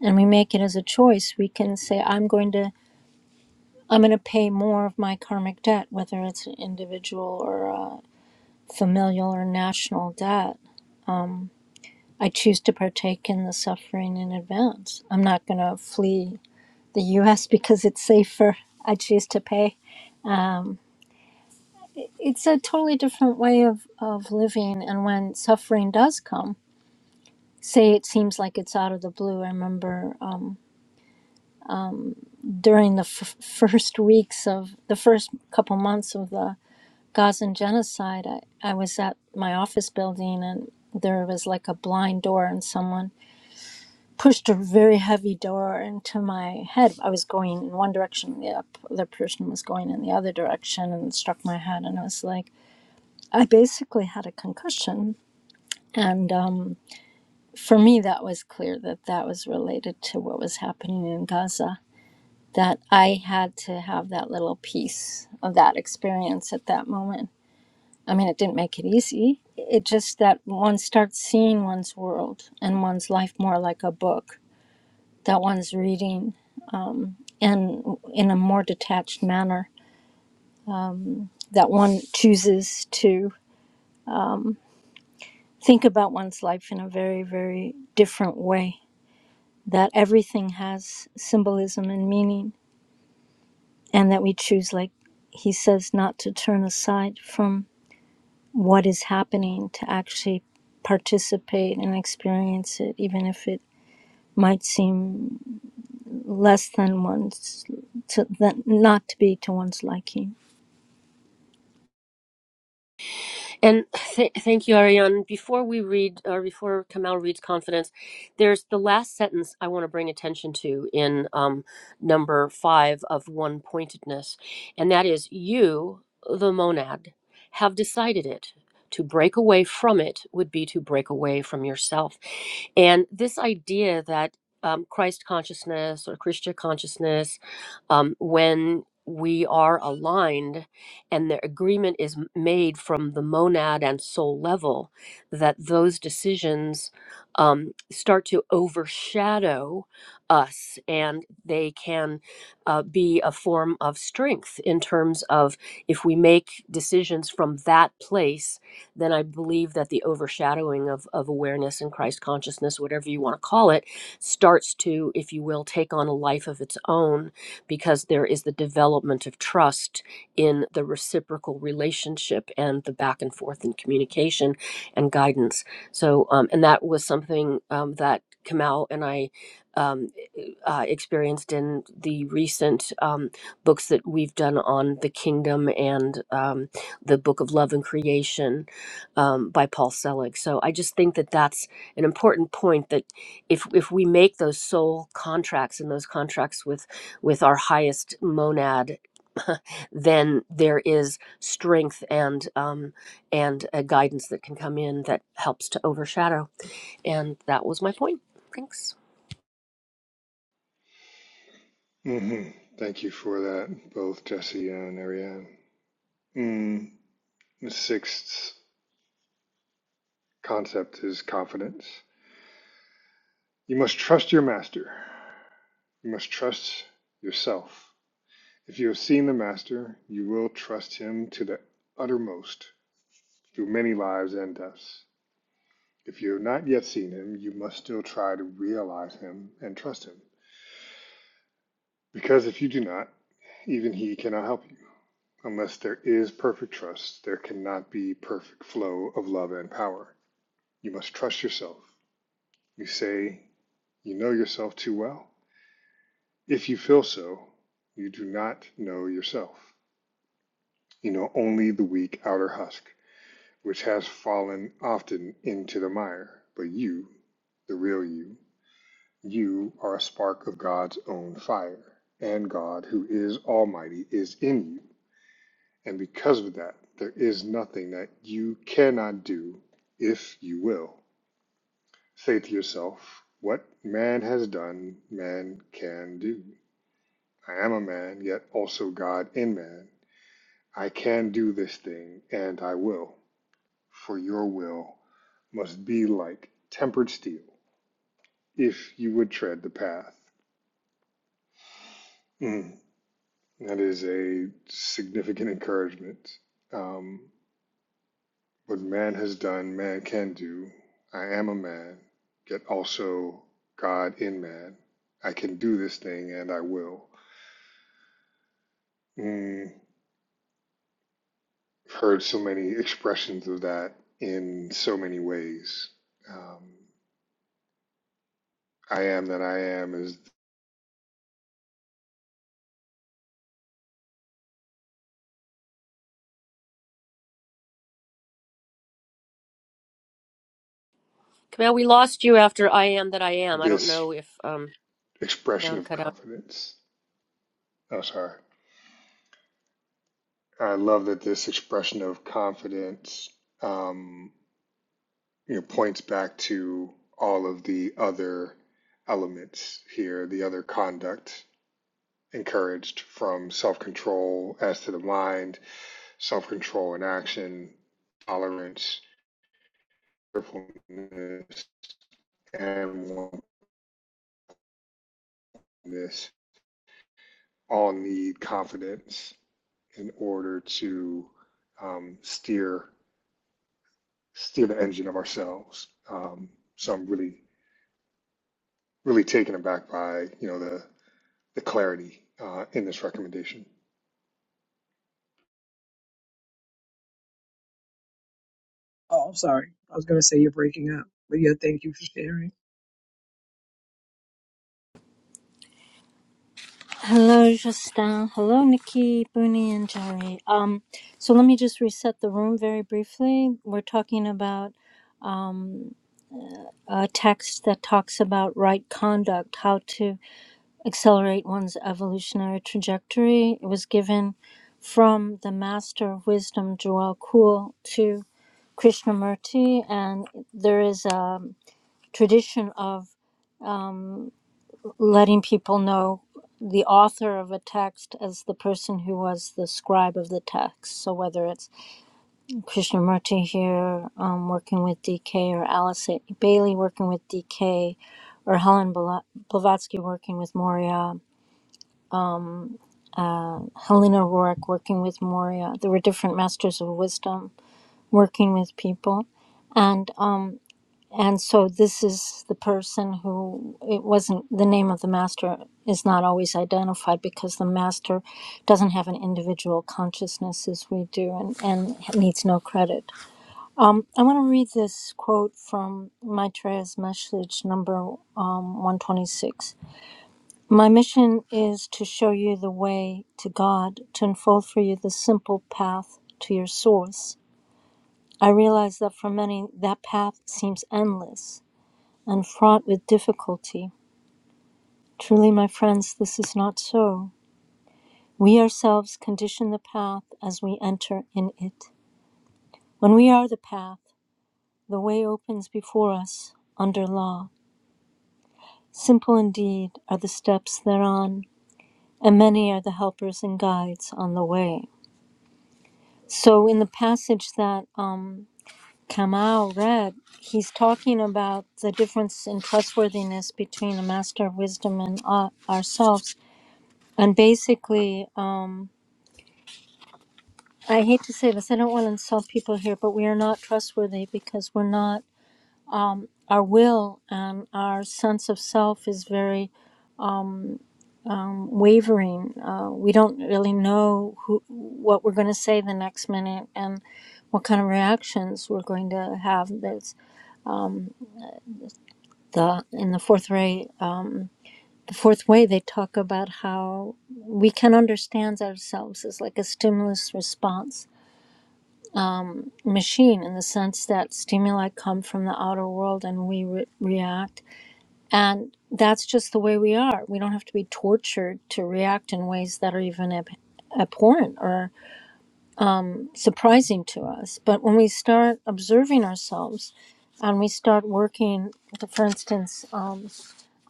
D: and we make it as a choice, we can say, I'm going to. I'm going to pay more of my karmic debt, whether it's an individual or a familial or national debt. I choose to partake in the suffering in advance. I'm not going to flee the US because it's safer. I choose to pay. It's a totally different way of, of living. And when suffering does come, say it seems like it's out of the blue. I remember um, during the f- first weeks of the first couple months of the Gazan genocide, I, I was at my office building and there was like a blind door, and someone pushed a very heavy door into my head. I was going in one direction, the other person was going in the other direction, and it struck my head. And I was like, I basically had a concussion. And um, for me, that was clear that that was related to what was happening in Gaza that I had to have that little piece of that experience at that moment. I mean, it didn't make it easy. It just that one starts seeing one's world and one's life more like a book that one's reading and in a more detached manner, that one chooses to think about one's life in a very, very different way, that everything has symbolism and meaning, and that we choose, like he says, not to turn aside from what is happening to actually participate and experience it, even if it might seem less than one's to than, not to be to one's liking.
B: And th- thank you, Ariane. Before we read, or before Kamal reads Confidence, there's the last sentence I want to bring attention to in um, number five of One Pointedness, and that is You, the monad, have decided it. To break away from it would be to break away from yourself. And this idea that um, Christ consciousness or Krishna consciousness, um, when we are aligned, and the agreement is m- made from the monad and soul level that those decisions um, start to overshadow us and they can uh, be a form of strength in terms of if we make decisions from that place then i believe that the overshadowing of, of awareness and christ consciousness whatever you want to call it starts to if you will take on a life of its own because there is the development of trust in the reciprocal relationship and the back and forth in communication and guidance. So, um, and that was something um, that Kamal and I um, uh, experienced in the recent um, books that we've done on the kingdom and um, the book of love and creation um, by Paul Selig. So I just think that that's an important point that if if we make those soul contracts and those contracts with with our highest monad. then there is strength and um, and a guidance that can come in that helps to overshadow. And that was my point. Thanks,
A: hmm Thank you for that, both Jesse and Ariane. Mm. The sixth concept is confidence. You must trust your master. You must trust yourself. If you have seen the master, you will trust him to the uttermost through many lives and deaths. If you have not yet seen him, you must still try to realize him and trust him. Because if you do not, even he cannot help you. Unless there is perfect trust, there cannot be perfect flow of love and power. You must trust yourself. You say you know yourself too well. If you feel so, you do not know yourself. You know only the weak outer husk, which has fallen often into the mire. But you, the real you, you are a spark of God's own fire, and God, who is Almighty, is in you. And because of that, there is nothing that you cannot do if you will. Say to yourself, What man has done, man can do. I am a man, yet also God in man. I can do this thing, and I will. For your will must be like tempered steel if you would tread the path. Mm, That is a significant encouragement. Um, What man has done, man can do. I am a man, yet also God in man. I can do this thing and I will. Mm, I've heard so many expressions of that in so many ways. Um, I am that I am is
B: Camille. We lost you after I am that I am. I don't
A: this
B: know if um you're
A: expression
B: down
A: of
B: cut out.
A: confidence. Oh, sorry. I love that this expression of confidence. Um, you know, points back to all of the other elements here, the other conduct encouraged from self control as to the mind, self control in action, tolerance, cheerfulness, and wantonness all need confidence in order to um, steer steer the engine of ourselves. Um, so I'm really really taken aback by you know the the clarity uh, in this recommendation.
C: Oh, I'm sorry. I was gonna say you're breaking up. But yeah, thank you for sharing.
D: Hello, Justin. Hello, Nikki, Booney, and Jerry. Um, so let me just reset the room very briefly. We're talking about a text that talks about right conduct, how to accelerate one's evolutionary trajectory. It was given from the master of wisdom, Joel Kuhl, to Krishnamurti. And there is a tradition of letting people know the author of a text as the person who was the scribe of the text. So whether it's Krishnamurti here um, working with DK or Alice Bailey working with DK or Helen Blavatsky working with Moria um, Helena Roark working with Moria. There were different masters of wisdom working with people. And um, and so this is the person who it wasn't the name of the master is not always identified because the master doesn't have an individual consciousness as we do and, and needs no credit. Um, I want to read this quote from Maitreya's message number um, 126. My mission is to show you the way to God, to unfold for you the simple path to your source. I realize that for many, that path seems endless and fraught with difficulty. Truly, my friends, this is not so. We ourselves condition the path as we enter in it. When we are the path, the way opens before us under law. Simple indeed are the steps thereon, and many are the helpers and guides on the way. So in the passage that um, Kamau read, he's talking about the difference in trustworthiness between a master of wisdom and uh, ourselves. And basically, um, I hate to say this, I don't want to insult people here, but we are not trustworthy because we're not. Our will and our sense of self is very wavering. Uh, we don't really know who, what we're going to say the next minute and what kind of reactions we're going to have. There's the in the fourth way uh, the fourth way they talk about how we can understand ourselves as like a stimulus response machine in the sense that stimuli come from the outer world and we re- react and that's just the way we are we don't have to be tortured to react in ways that are even ab- abhorrent or surprising to us but when we start observing ourselves and we start working for instance uh,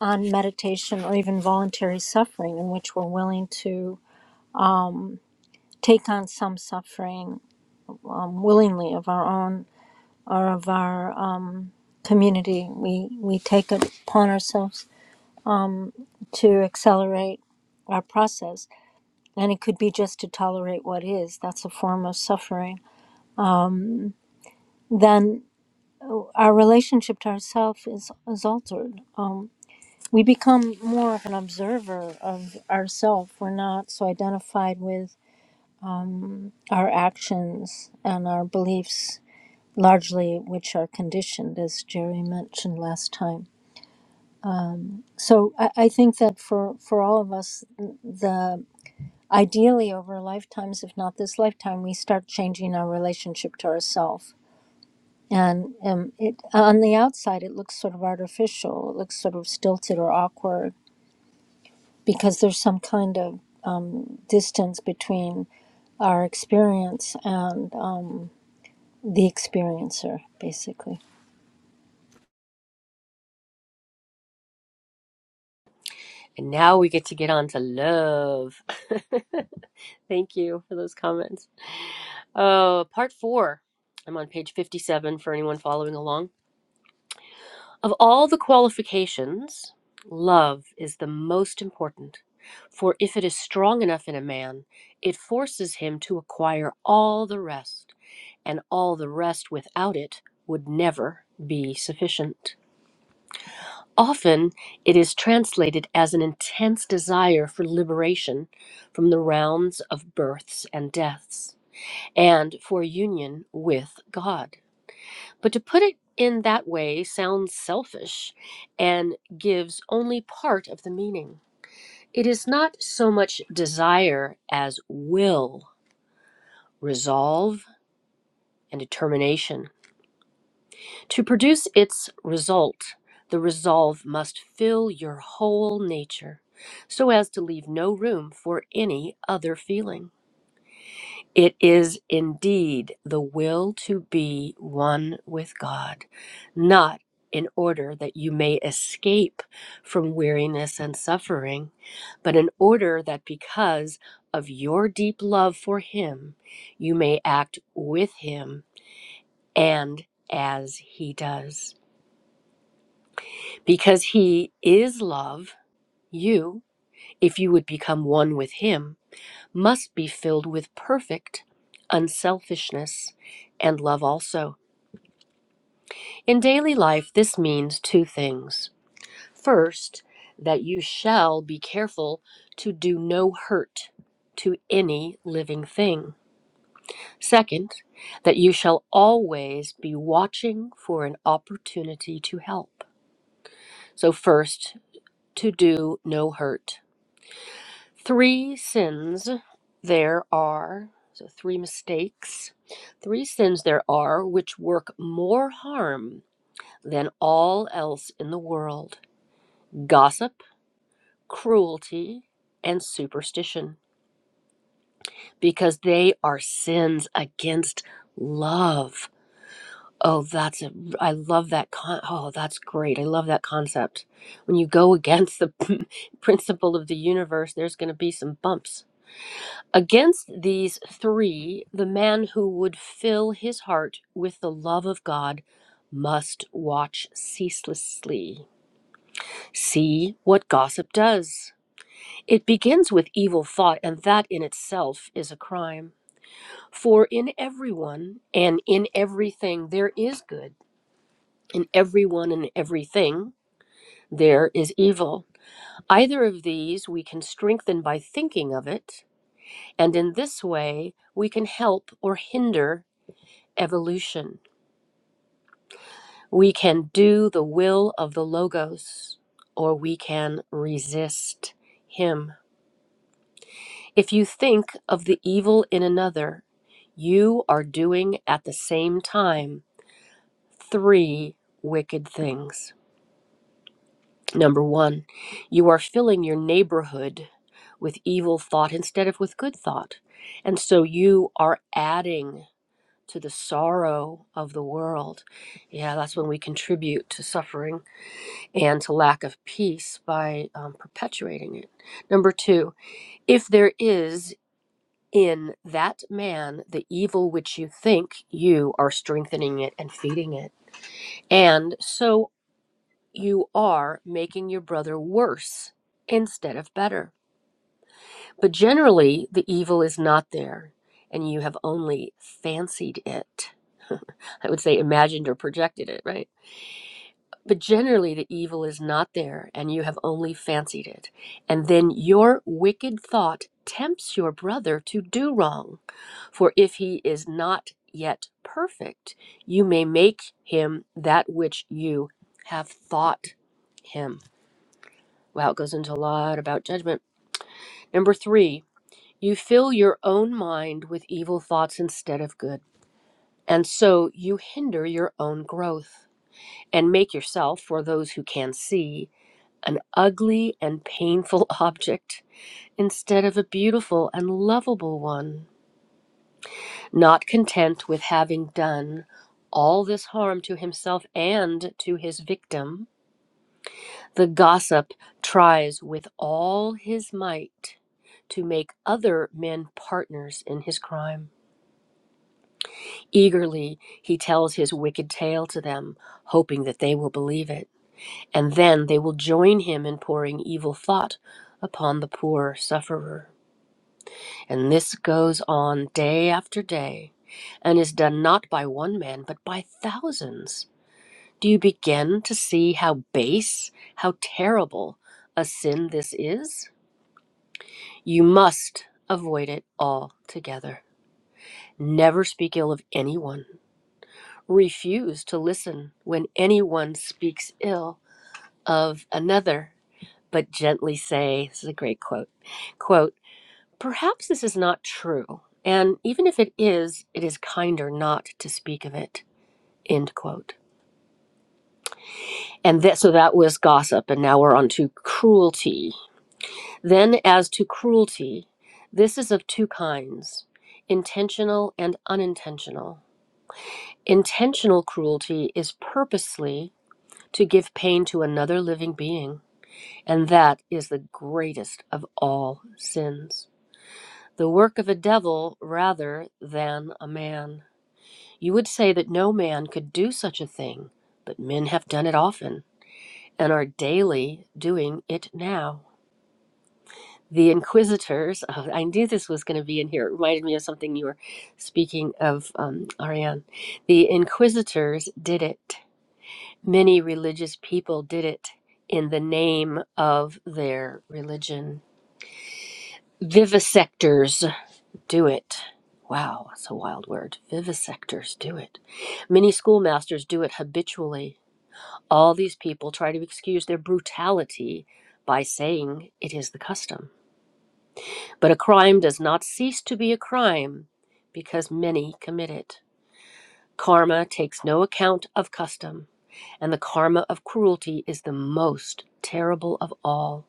D: on meditation or even voluntary suffering in which we're willing to take on some suffering um, willingly of our own or of our uh, community. We, we take it upon ourselves to accelerate our process. And it could be just to tolerate what is, that's a form of suffering. Then our relationship to ourself is, is altered. We become more of an observer of ourself. We're not so identified with our actions and our beliefs largely which are conditioned, as Jerry mentioned last time. So I, I think that for, for all of us, the ideally over lifetimes, if not this lifetime, we start changing our relationship to ourself. And um, it on the outside, it looks sort of artificial. It looks sort of stilted or awkward because there's some kind of um, distance between our experience and um, the experiencer, basically.
B: And now we get to get on to love. Thank you for those comments. Uh, part four. I'm on page 57 for anyone following along. Of all the qualifications, love is the most important, for if it is strong enough in a man, it forces him to acquire all the rest, and all the rest without it would never be sufficient. Often it is translated as an intense desire for liberation from the rounds of births and deaths, and for union with God. But to put it in that way sounds selfish and gives only part of the meaning. It is not so much desire as will, resolve, and determination. To produce its result, the resolve must fill your whole nature so as to leave no room for any other feeling. It is indeed the will to be one with God, not in order that you may escape from weariness and suffering, but in order that because of your deep love for Him, you may act with Him and as He does. Because He is love, you, if you would become one with Him, must be filled with perfect unselfishness and love also. In daily life, this means two things. First, that you shall be careful to do no hurt to any living thing. Second, that you shall always be watching for an opportunity to help. So, first, to do no hurt. Three sins there are, so three mistakes, three sins there are which work more harm than all else in the world gossip, cruelty, and superstition, because they are sins against love. Oh, that's a, I love that. Con- oh, that's great. I love that concept. When you go against the principle of the universe, there's going to be some bumps Against these three, the man who would fill his heart with the love of God must watch ceaselessly. See what gossip does. It begins with evil thought, and that in itself is a crime. For in everyone and in everything there is good, in everyone and everything there is evil. Either of these we can strengthen by thinking of it, and in this way we can help or hinder evolution. We can do the will of the Logos, or we can resist him. If you think of the evil in another, you are doing at the same time three wicked things. Number one, you are filling your neighborhood with evil thought instead of with good thought. And so you are adding to the sorrow of the world. Yeah, that's when we contribute to suffering and to lack of peace by um, perpetuating it. Number two, if there is in that man the evil which you think, you are strengthening it and feeding it. And so you are making your brother worse instead of better. But generally, the evil is not there, and you have only fancied it. I would say imagined or projected it, right? But generally, the evil is not there, and you have only fancied it. And then your wicked thought tempts your brother to do wrong. For if he is not yet perfect, you may make him that which you have thought him. Wow, it goes into a lot about judgment. Number three, you fill your own mind with evil thoughts instead of good. And so you hinder your own growth and make yourself, for those who can see, an ugly and painful object instead of a beautiful and lovable one. Not content with having done all this harm to himself and to his victim, the gossip tries with all his might to make other men partners in his crime. Eagerly, he tells his wicked tale to them, hoping that they will believe it, and then they will join him in pouring evil thought upon the poor sufferer. And this goes on day after day and is done not by one man, but by thousands. Do you begin to see how base, how terrible a sin this is? You must avoid it altogether. Never speak ill of anyone. Refuse to listen when anyone speaks ill of another, but gently say, this is a great quote, quote, Perhaps this is not true, and even if it is, it is kinder not to speak of it. End quote. And that, so that was gossip, and now we're on to cruelty. Then, as to cruelty, this is of two kinds intentional and unintentional. Intentional cruelty is purposely to give pain to another living being, and that is the greatest of all sins. The work of a devil rather than a man. You would say that no man could do such a thing, but men have done it often and are daily doing it now. The inquisitors, oh, I knew this was going to be in here. It reminded me of something you were speaking of, um, Ariane. The inquisitors did it. Many religious people did it in the name of their religion. Vivisectors do it. Wow, that's a wild word. Vivisectors do it. Many schoolmasters do it habitually All these people try to excuse their brutality by saying it is the custom. But a crime does not cease to be a crime because many commit it. Karma takes no account of custom, and the karma of cruelty is the most terrible of all.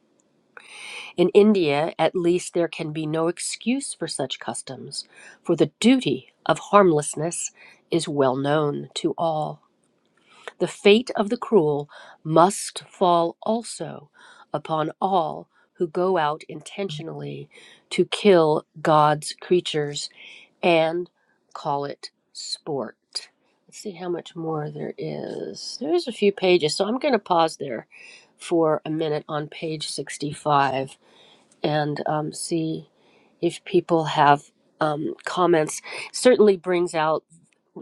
B: In India, at least, there can be no excuse for such customs, for the duty of harmlessness is well known to all. The fate of the cruel must fall also upon all who go out intentionally to kill God's creatures and call it sport. Let's see how much more there is. There's a few pages, so I'm going to pause there for a minute on page 65 and um, see if people have um, comments. Certainly brings out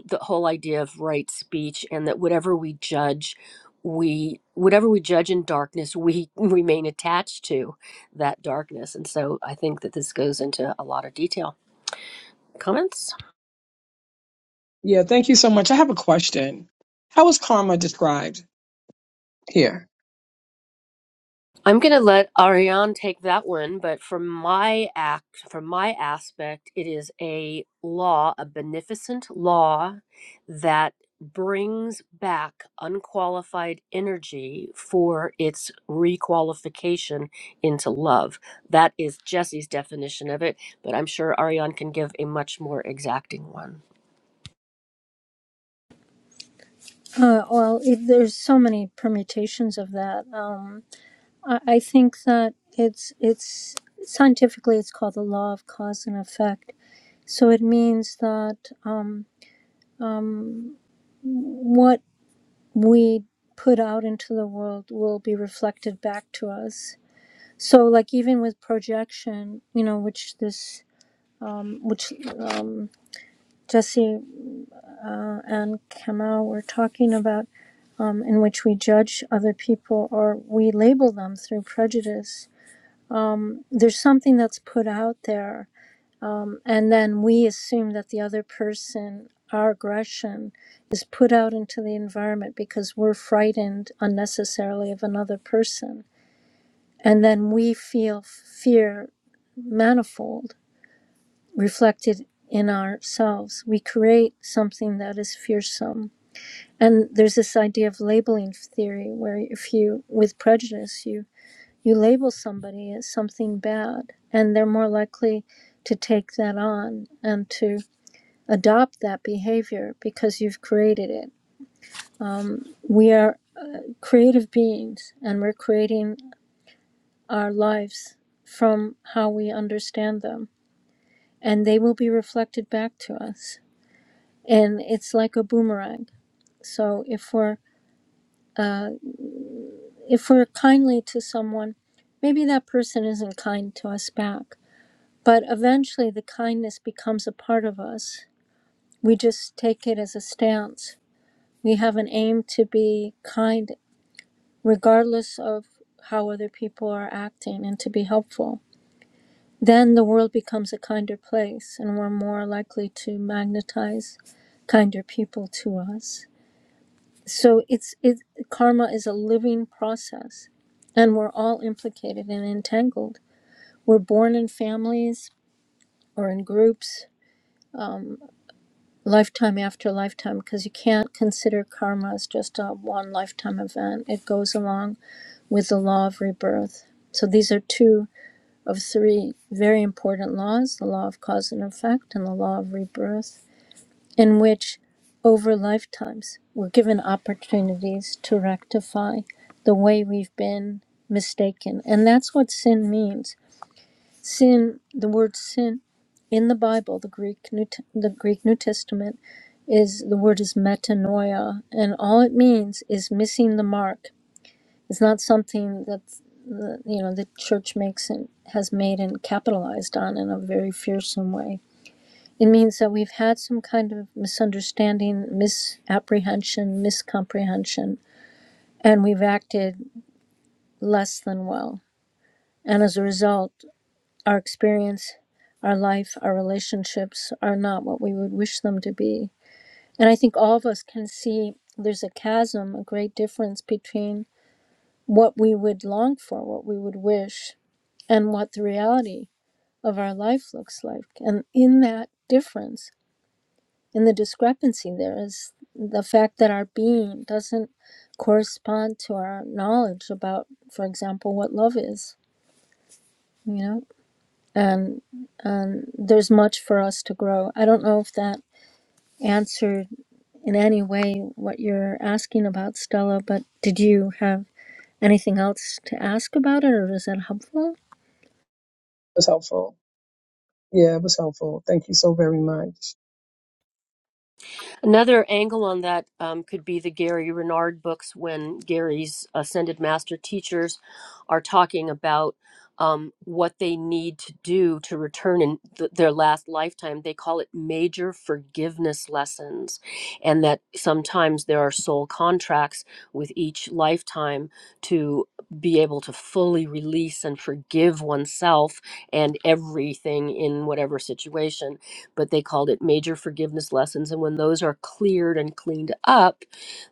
B: the whole idea of right speech and that whatever we judge we whatever we judge in darkness we remain attached to that darkness and so i think that this goes into a lot of detail comments
C: Yeah, thank you so much. I have a question. How is karma described here?
B: I'm gonna let Ariane take that one, but from my act, from my aspect, it is a law, a beneficent law that brings back unqualified energy for its requalification into love. That is Jesse's definition of it, but I'm sure Ariane can give a much more exacting one.
D: Uh, well, it, there's so many permutations of that. Um, I, I think that it's it's scientifically it's called the law of cause and effect. So it means that um, what we put out into the world will be reflected back to us. So, like even with projection, you know, which this um, which um, Jesse and Kamau were talking about, um, in which we judge other people or we label them through prejudice there's something that's put out there and then we assume that the other person our aggression is put out into the environment because we're frightened unnecessarily of another person and then we feel fear manifold reflected in ourselves we create something that is fearsome and there's this idea of labeling theory where if you with prejudice you. You label somebody as something bad, and they're more likely to take that on and to adopt that behavior because you've created it. We are creative beings, and we're creating our lives from how we understand them, and they will be reflected back to us. And it's like a boomerang. So if we're uh, if we're kindly to someone, maybe that person isn't kind to us back But eventually, the kindness becomes a part of us. We just take it as a stance. We have an aim to be kind, regardless of how other people are acting, and to be helpful. Then the world becomes a kinder place, and we're more likely to magnetize kinder people to us. So it's it karma is a living process, and we're all implicated and entangled. We're born in families or in groups Um, lifetime after lifetime because you can't consider karma as just a one lifetime event. It goes along with the law of rebirth. So these are two of three very important laws the law of cause and effect and the law of rebirth, in which over lifetimes we're given opportunities to rectify the way we've been mistaken. And that's what sin means sin the word sin in the bible the greek new T- the greek new testament is the word is metanoia and all it means is missing the mark it's not something that the, you know the church makes and has made and capitalized on in a very fearsome way it means that we've had some kind of misunderstanding misapprehension miscomprehension and we've acted less than well and as a result Our experience, our life, our relationships are not what we would wish them to be. And I think all of us can see there's a chasm, a great difference between what we would long for, what we would wish, and what the reality of our life looks like. And in that difference, in the discrepancy, there is the fact that our being doesn't correspond to our knowledge about, for example, what love is, you know? and and there's much for us to grow. I don't know if that answered in any way what you're asking about Stella, but did you have anything else to ask about it or is that helpful?
C: was helpful. Yeah, it was helpful. Thank you so very much.
B: Another angle on that um, could be the Gary Renard books when Gary's ascended master teachers are talking about um, what they need to do to return in th- their last lifetime. They call it major forgiveness lessons, and that sometimes there are soul contracts with each lifetime to be able to fully release and forgive oneself and everything in whatever situation but they called it major forgiveness lessons. And when those are cleared and cleaned up,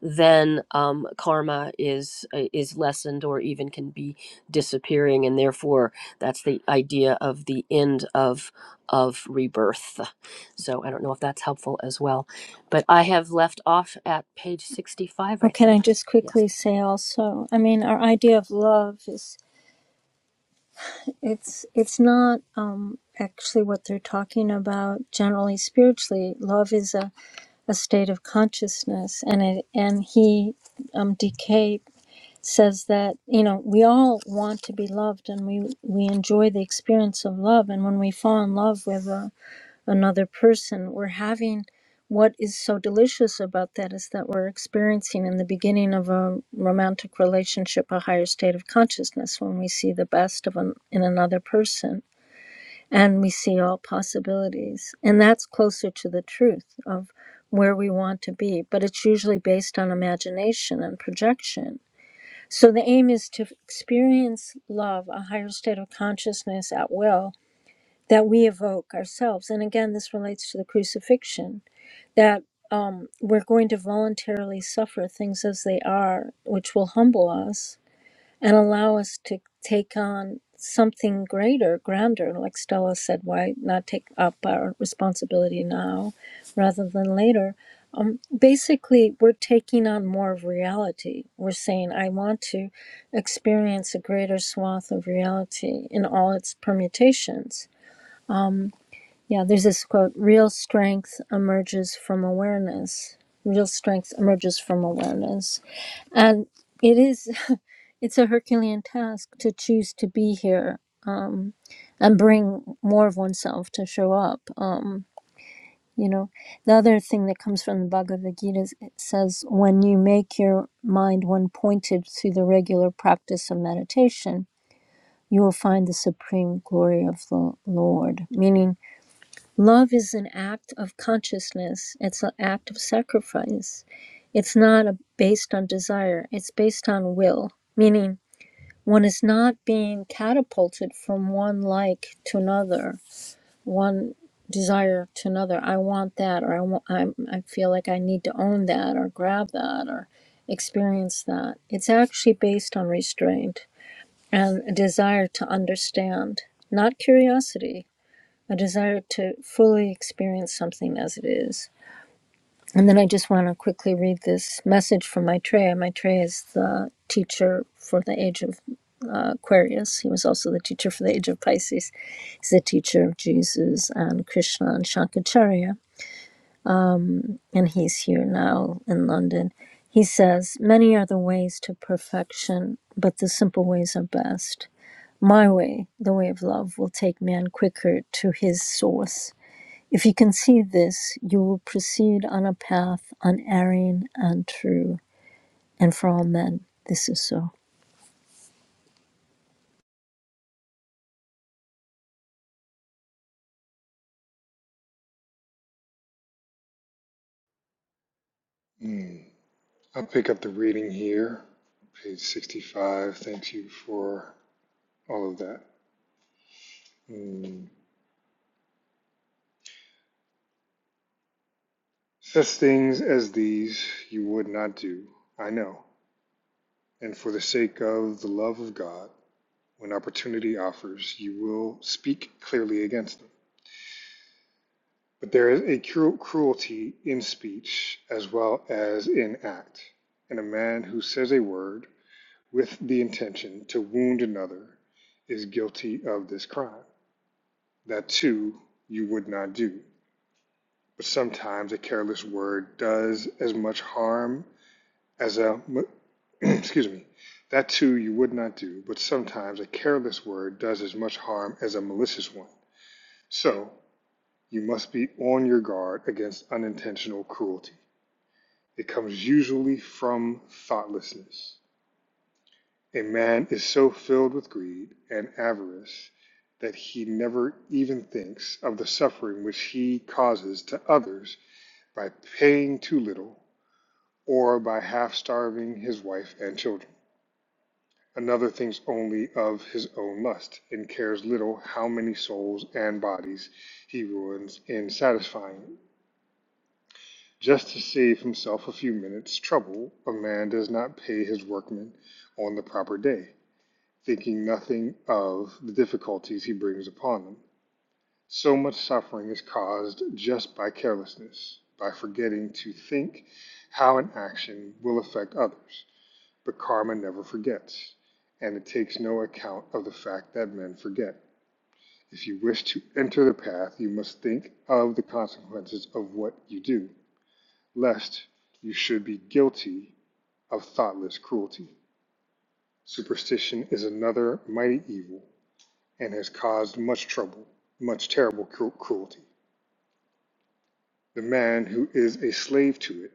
B: then um, karma is uh, is lessened or even can be disappearing, and therefore that's the idea of the end of of rebirth. So I don't know if that's helpful as well, but I have left off at page sixty five,
D: Oh,
B: I
D: can
B: think.
D: I just
B: Yes.
D: quickly say also, I mean, our idea of love is it's it's not um actually what they're talking about generally spiritually. Love is a, a state of consciousness and it and he um DK says that you know we all want to be loved and we we enjoy the experience of love and when we fall in love with a, another person we're having what is so delicious about that is that we're experiencing in the beginning of a romantic relationship a higher state of consciousness when we see the best of an, in another person and we see all possibilities and that's closer to the truth of where we want to be but it's usually based on imagination and projection so the aim is to experience love, a higher state of consciousness at will that we evoke ourselves. And again, this relates to the crucifixion that um, we're going to voluntarily suffer things as they are, which will humble us and allow us to take on something greater, grander. Like Stella said, why not take up our responsibility now rather than later? Um, basically, we're taking on more of reality. We're saying, I want to experience a greater swath of reality in all its permutations. Yeah, there's this quote real strength emerges from awareness. Real strength emerges from awareness. And it is it's a Herculean task to choose to be here um, and bring more of oneself to show up. Um, you know, the other thing that comes from the Bhagavad Gita is it says, when you make your mind one pointed through the regular practice of meditation, you will find the supreme glory of the Lord. Meaning, love is an act of consciousness, it's an act of sacrifice. It's not a, based on desire, it's based on will. Meaning, one is not being catapulted from one like to another, one desire to another. I want that, or I want. I, I feel like I need to own that, or grab that, or experience that. It's actually based on restraint and a desire to understand, not curiosity. A desire to fully experience something as it is. And then I just want to quickly read this message from Maitreya. Maitreya is the teacher for the age of uh, Aquarius. He was also the teacher for the age of Pisces. He's the teacher of Jesus and Krishna and Shankaracharya, and he's here now in London. He says, Many are the ways to perfection, but the simple ways are best. My way, the way of love, will take man quicker to his source. If you can see this, you will proceed on a path unerring and true. and for all men this is so.
A: Mm. I'll pick up the reading here, page 65. Thank you for all of that. Mm. Such things as these you would not do, I know. And for the sake of the love of God, when opportunity offers, you will speak clearly against them. But there is a cru- cruelty in speech as well as in act. And a man who says a word with the intention to wound another is guilty of this crime. that too you would not do. But sometimes a careless word does as much harm as a. excuse me. That too you would not do, but sometimes a careless word does as much harm as a malicious one. So you must be on your guard against unintentional cruelty. It comes usually from thoughtlessness. A man is so filled with greed and avarice that he never even thinks of the suffering which he causes to others by paying too little, or by half starving his wife and children. Another thinks only of his own lust, and cares little how many souls and bodies he ruins in satisfying it. Just to save himself a few minutes' trouble, a man does not pay his workmen on the proper day, thinking nothing of the difficulties he brings upon them. So much suffering is caused just by carelessness, by forgetting to think how an action will affect others. But karma never forgets, and it takes no account of the fact that men forget. If you wish to enter the path, you must think of the consequences of what you do, lest you should be guilty of thoughtless cruelty. Superstition is another mighty evil and has caused much trouble, much terrible cru- cruelty. The man who is a slave to it,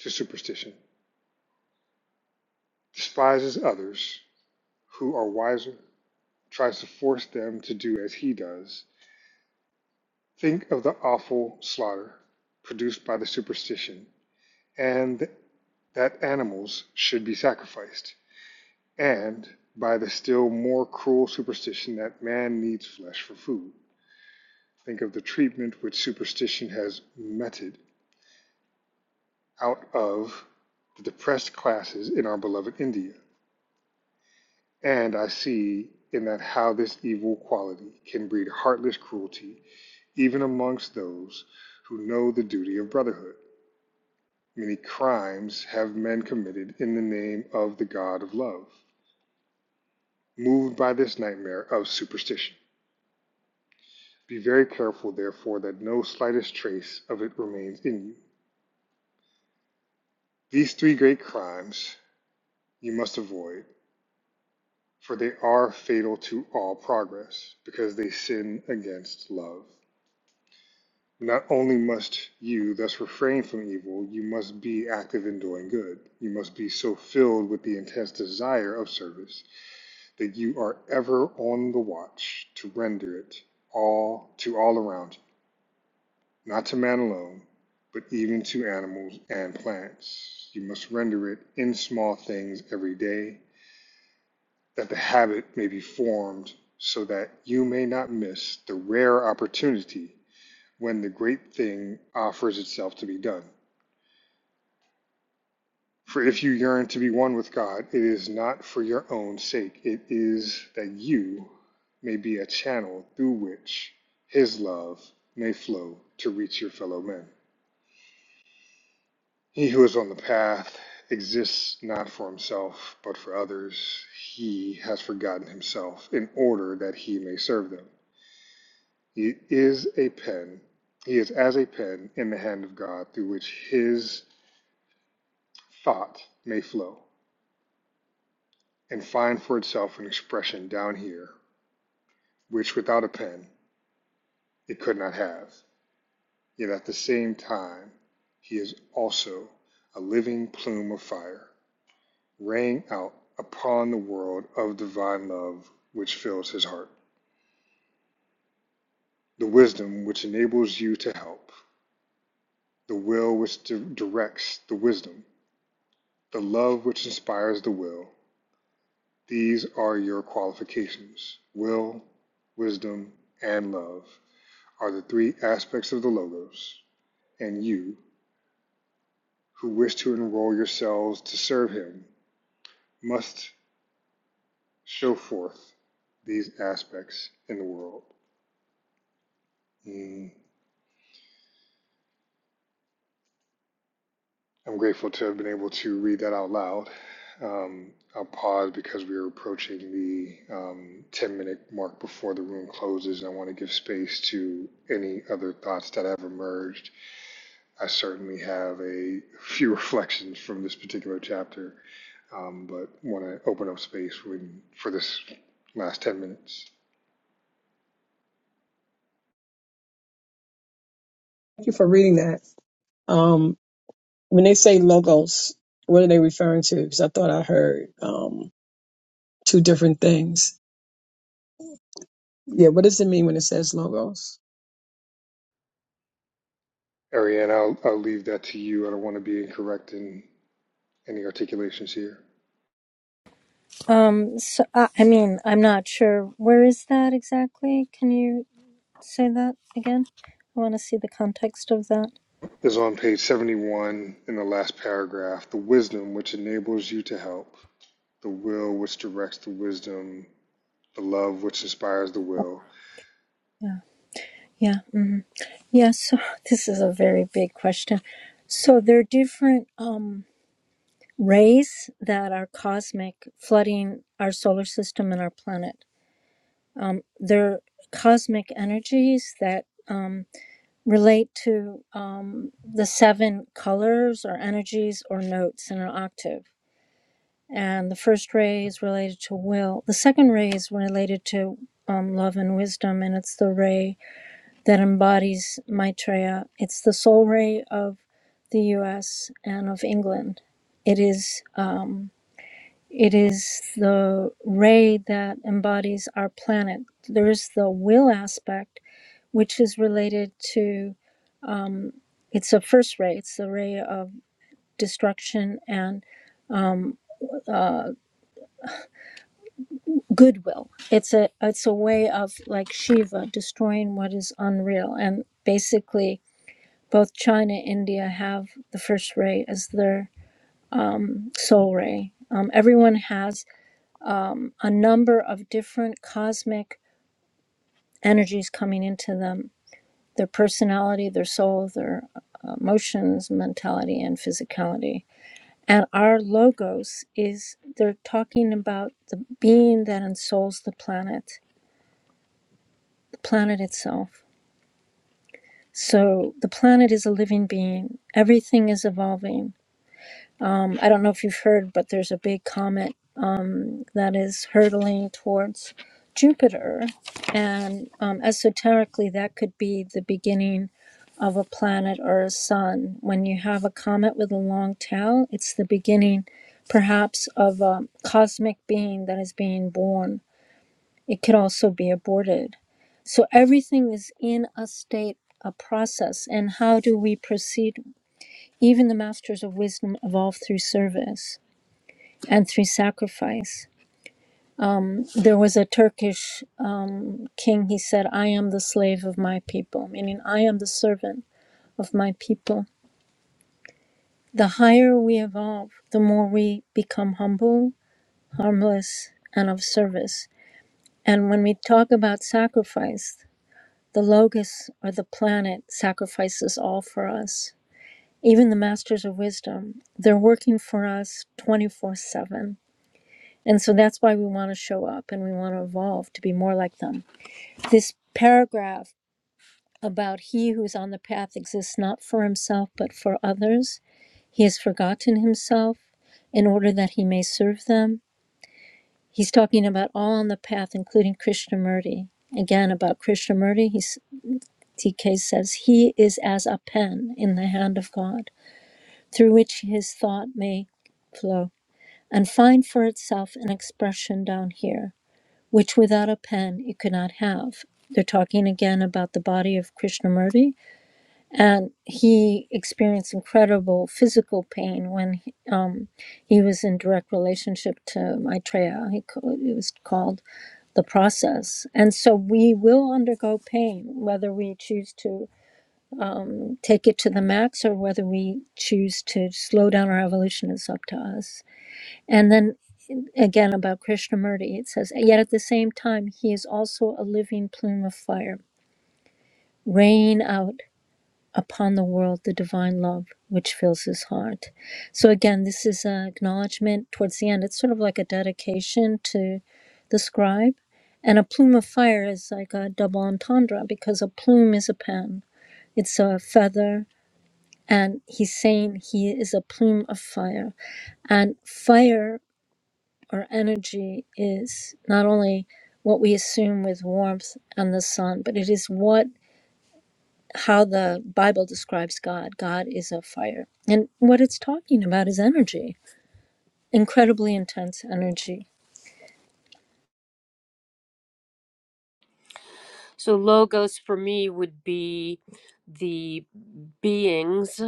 A: to superstition, despises others who are wiser, tries to force them to do as he does. Think of the awful slaughter produced by the superstition, and that animals should be sacrificed, and by the still more cruel superstition that man needs flesh for food. Think of the treatment which superstition has meted out of the depressed classes in our beloved India And I see in that how this evil quality can breed heartless cruelty even amongst those who know the duty of brotherhood. Many crimes have men committed in the name of the God of love, moved by this nightmare of superstition. Be very careful, therefore, that no slightest trace of it remains in you. These three great crimes you must avoid, for they are fatal to all progress, because they sin against love. Not only must you thus refrain from evil, you must be active in doing good. You must be so filled with the intense desire of service that you are ever on the watch to render it all to all around you, not to man alone, but even to animals and plants. You must render it in small things every day, that the habit may be formed so that you may not miss the rare opportunity when the great thing offers itself to be done. For if you yearn to be one with God, it is not for your own sake, it is that you may be a channel through which His love may flow to reach your fellow men. He who is on the path exists not for himself, but for others. He has forgotten himself in order that he may serve them. He is a pen, he is as a pen in the hand of God through which his thought may flow and find for itself an expression down here which without a pen it could not have. Yet at the same time he is also a living plume of fire, raying out upon the world of divine love which fills his heart. The wisdom which enables you to help, the will which di- directs the wisdom, the love which inspires the will, these are your qualifications. Will, wisdom, and love are the three aspects of the Logos, and you who wish to enroll yourselves to serve him must show forth these aspects in the world. Mm, I'm grateful to have been able to read that out loud. Um, I'll pause because we are approaching the um, 10 minute mark before the room closes, and I want to give space to any other thoughts that have emerged. I certainly have a few reflections from this particular chapter, um, but want to open up space when, for this last 10 minutes.
C: Thank you for reading that. Um, when they say logos, what are they referring to? Because I thought I heard um, two different things. Yeah, what does it mean when it says logos?
A: Ariane, I'll, I'll leave that to you. I don't want to be incorrect in any articulations here.
D: Um, so I, I mean, I'm not sure where is that exactly. Can you say that again? I want to see the context of that.
A: Is on page 71 in the last paragraph the wisdom which enables you to help, the will which directs the wisdom, the love which inspires the will.
D: Yeah, yeah, hmm yeah. So this is a very big question. So there are different um, rays that are cosmic, flooding our solar system and our planet. Um, they're cosmic energies that. Um, relate to um, the seven colors or energies or notes in an octave. And the first ray is related to will. The second ray is related to um, love and wisdom, and it's the ray that embodies Maitreya. It's the soul ray of the U.S. and of England. It is um, it is the ray that embodies our planet. There is the will aspect, which is related to it's a first ray. It's a ray of destruction and um, uh, goodwill. It's a it's a way of like Shiva destroying what is unreal. And basically, both China and India have the first ray as their um, soul ray. Um, everyone has um, a number of different cosmic energies coming into them their personality, their soul, their uh, emotions, mentality, and physicality And our logos is they're talking about the being that ensouls the planet, the planet itself. So the planet is a living being. Everything is evolving. Um, I don't know if you've heard, but there's a big comet that is hurtling towards Jupiter. And um, esoterically, that could be the beginning of a planet or a sun. When you have a comet with a long tail, it's the beginning perhaps of a cosmic being that is being born. It could also be aborted. So everything is in a state, a process. And how do we proceed? Even the masters of wisdom evolve through service and through sacrifice um, There was a Turkish um, king, he said, I am the slave of my people, meaning I am the servant of my people. The higher we evolve, the more we become humble, harmless, and of service. And when we talk about sacrifice, the logos or the planet sacrifices all for us. Even the masters of wisdom, they're working for us 24 7. And so that's why we want to show up and we want to evolve to be more like them this paragraph about he who's on the path exists not for himself but for others. He has forgotten himself in order that he may serve them. He's talking about all on the path, including Krishnamurti. Again, about Krishnamurti, he's, TK says, He is as a pen in the hand of God, through which his thought may flow and find for itself an expression down here, which without a pen it could not have. They're talking again about the body of Krishnamurti and he experienced incredible physical pain when he, um, he was in direct relationship to Maitreya. He, ca- it was called the process. And so we will undergo pain, whether we choose to um, take it to the max or whether we choose to slow down our evolution is up to us. And then again about Krishnamurti, it says, Yet at the same time, he is also a living plume of fire. Rain out upon the world the divine love which fills his heart. So again, this is an acknowledgement towards the end. It's sort of like a dedication to the scribe. And a plume of fire is like a double entendre because a plume is a pen, it's a feather. And he's saying he is a plume of fire. And fire or energy is not only what we assume with warmth and the sun, but it is what how the Bible describes God. God is a fire. And what it's talking about is energy, incredibly intense energy.
B: So logos for me would be the beings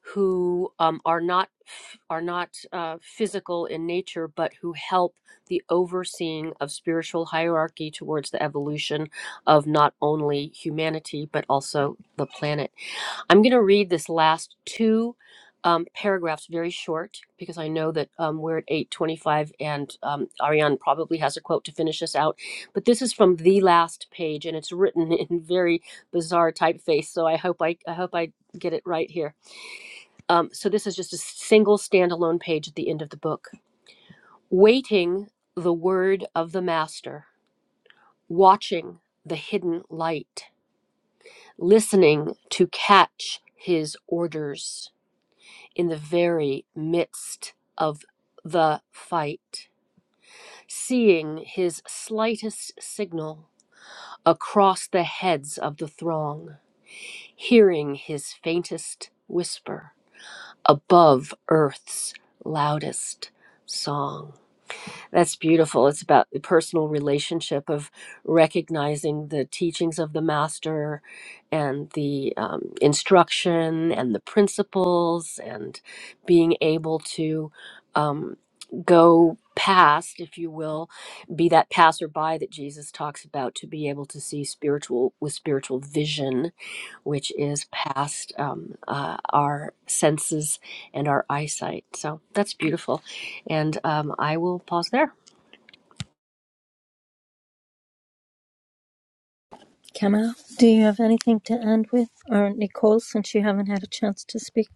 B: who um, are not are not uh, physical in nature, but who help the overseeing of spiritual hierarchy towards the evolution of not only humanity but also the planet. I'm going to read this last two um, paragraphs very short because I know that um, we're at 8:25 and um, Ariane probably has a quote to finish us out. But this is from the last page and it's written in very bizarre typeface, so I hope I, I hope I get it right here. Um, so this is just a single standalone page at the end of the book. Waiting the word of the master, watching the hidden light, listening to catch his orders in the very midst of the fight, seeing his slightest signal across the heads of the throng, hearing his faintest whisper above earth's loudest song. That's beautiful. It's about the personal relationship of recognizing the teachings of the master and the um, instruction and the principles and being able to um, go past, if you will, be that passerby that Jesus talks about to be able to see spiritual with spiritual vision, which is past um, uh, our senses and our eyesight. So that's beautiful. And um, I will pause there.
D: Kemal, do you have anything to end with? Or Nicole, since you haven't had a chance to speak?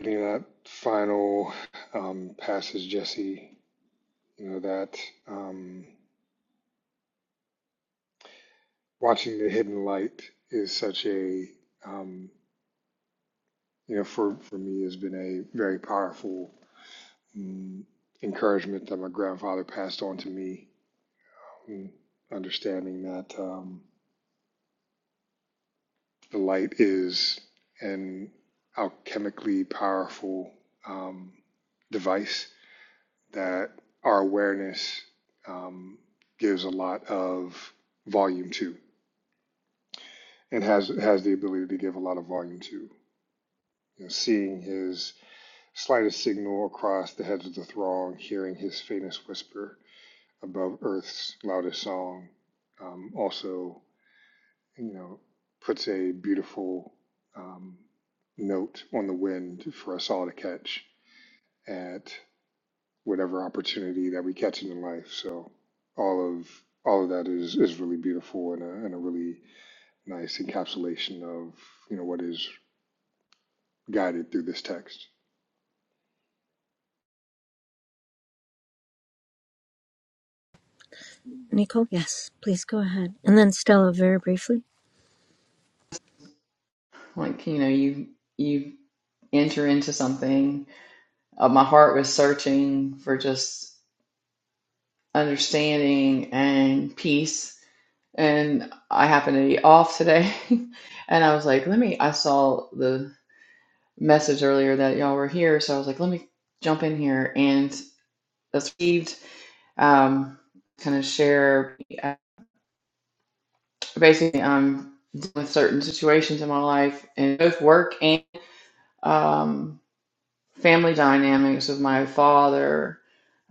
A: Getting that final um, passage, Jesse, you know, that um, watching the hidden light is such a, um, you know, for, for me has been a very powerful mm, encouragement that my grandfather passed on to me, mm, understanding that um, the light is an alchemically powerful um, device that our awareness um, gives a lot of volume to and has has the ability to give a lot of volume to. You know, seeing his slightest signal across the heads of the throng, hearing his faintest whisper, above Earth's loudest song, um, also, you know, puts a beautiful um, note on the wind for us all to catch at whatever opportunity that we catch in life. So all of all of that is is really beautiful and a, and a really nice encapsulation of you know what is guided through this text.
D: Nicole? Yes, please go ahead. And then Stella, very briefly.
E: like you know you you enter into something uh, my heart was searching for just understanding and peace and i happened to be off today and i was like let me i saw the message earlier that y'all were here so i was like let me jump in here and that's received um kind of share uh, basically i'm dealing with certain situations in my life and both work and um family dynamics with my father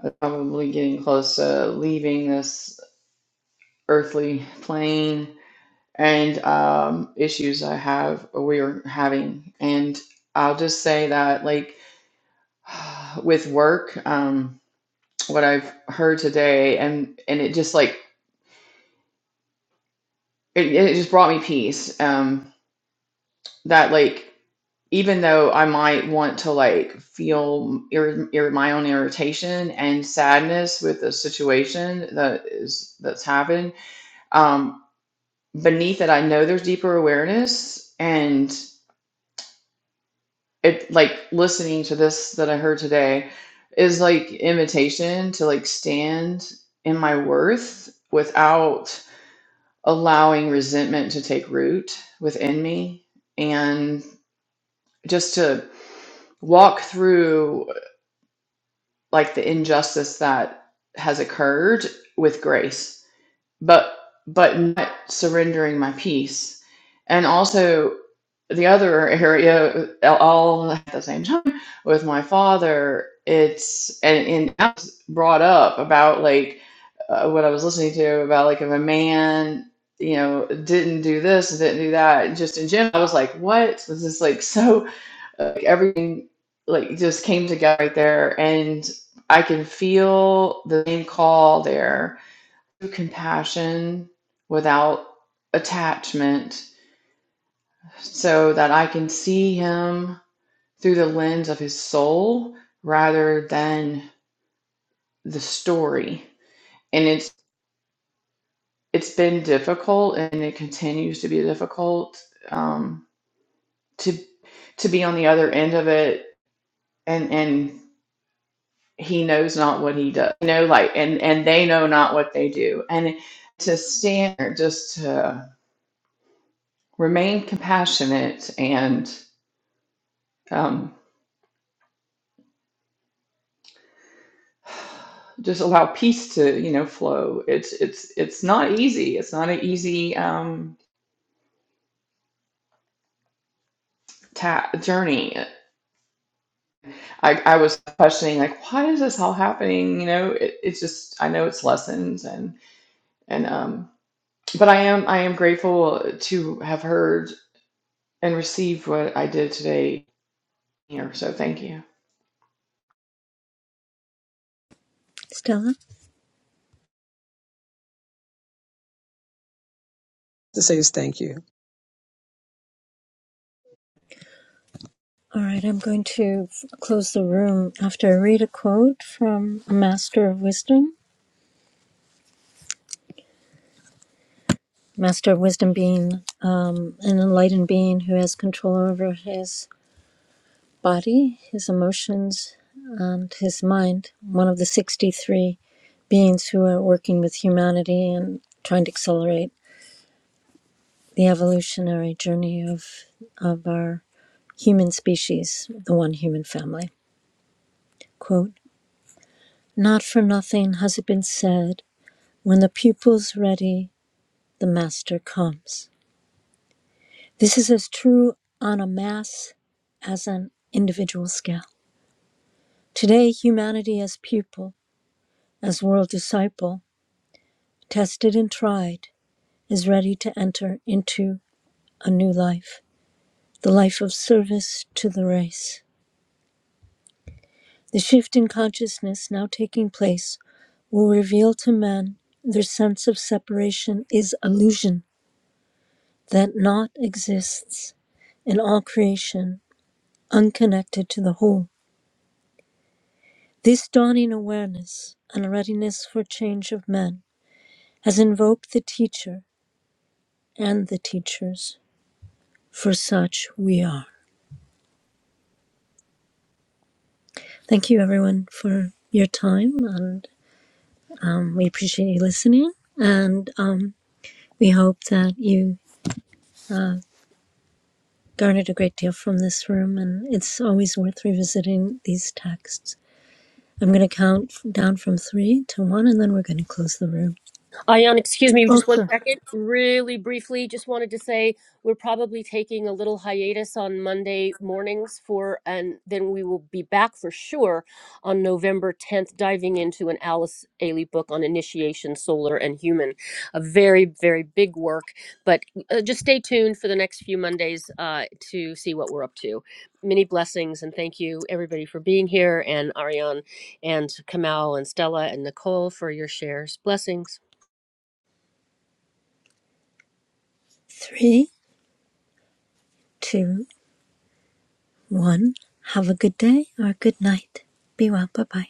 E: but probably getting close to leaving this earthly plane and um, issues I have or we are having. And I'll just say that like with work, um, what I've heard today and and it just like it, it just brought me peace. Um, that like even though I might want to like feel ir- ir- my own irritation and sadness with the situation that is that's happened, um, beneath it i know there's deeper awareness and it like listening to this that i heard today is like invitation to like stand in my worth without allowing resentment to take root within me and just to walk through like the injustice that has occurred with grace but but not surrendering my peace and also the other area all at the same time with my father it's and, and I was brought up about like uh, what i was listening to about like if a man you know didn't do this and didn't do that just in general i was like what this is like so uh, like everything like just came together right there and i can feel the same call there compassion without attachment so that I can see him through the lens of his soul rather than the story. And it's it's been difficult and it continues to be difficult um, to to be on the other end of it and and he knows not what he does. You know, like and and they know not what they do. And to stand there just to remain compassionate and um, just allow peace to you know flow it's it's it's not easy it's not an easy um ta- journey I, I was questioning like why is this all happening you know it, it's just i know it's lessons and and um but i am i am grateful to have heard and received what i did today here so thank you
D: Stella?
C: To say is thank you.
D: All right, I'm going to close the room after I read a quote from a Master of Wisdom. Master of Wisdom being um, an enlightened being who has control over his body, his emotions, and his mind, one of the 63 beings who are working with humanity and trying to accelerate the evolutionary journey of, of our human species, the one human family. Quote Not for nothing has it been said, when the pupil's ready, the master comes. This is as true on a mass as an individual scale. Today, humanity as pupil, as world disciple, tested and tried, is ready to enter into a new life, the life of service to the race. The shift in consciousness now taking place will reveal to men their sense of separation is illusion, that naught exists in all creation, unconnected to the whole. This dawning awareness and readiness for change of men has invoked the teacher and the teachers, for such we are. Thank you, everyone, for your time, and um, we appreciate you listening. And um, we hope that you uh, garnered a great deal from this room, and it's always worth revisiting these texts. I'm going to count f- down from three to one, and then we're going to close the room.
B: Ayan, excuse me,
D: Oh,
B: just one
D: sure.
B: second. Really briefly, just wanted to say we're probably taking a little hiatus on Monday mornings for, and then we will be back for sure on November 10th, diving into an Alice Ailey book on initiation, solar, and human. A very, very big work, but uh, just stay tuned for the next few Mondays uh, to see what we're up to. Many blessings, and thank you everybody for being here, and Ariane, and Kamal, and Stella, and Nicole for your shares. Blessings.
D: Three, two, one. Have a good day or good night. Be well. Bye bye.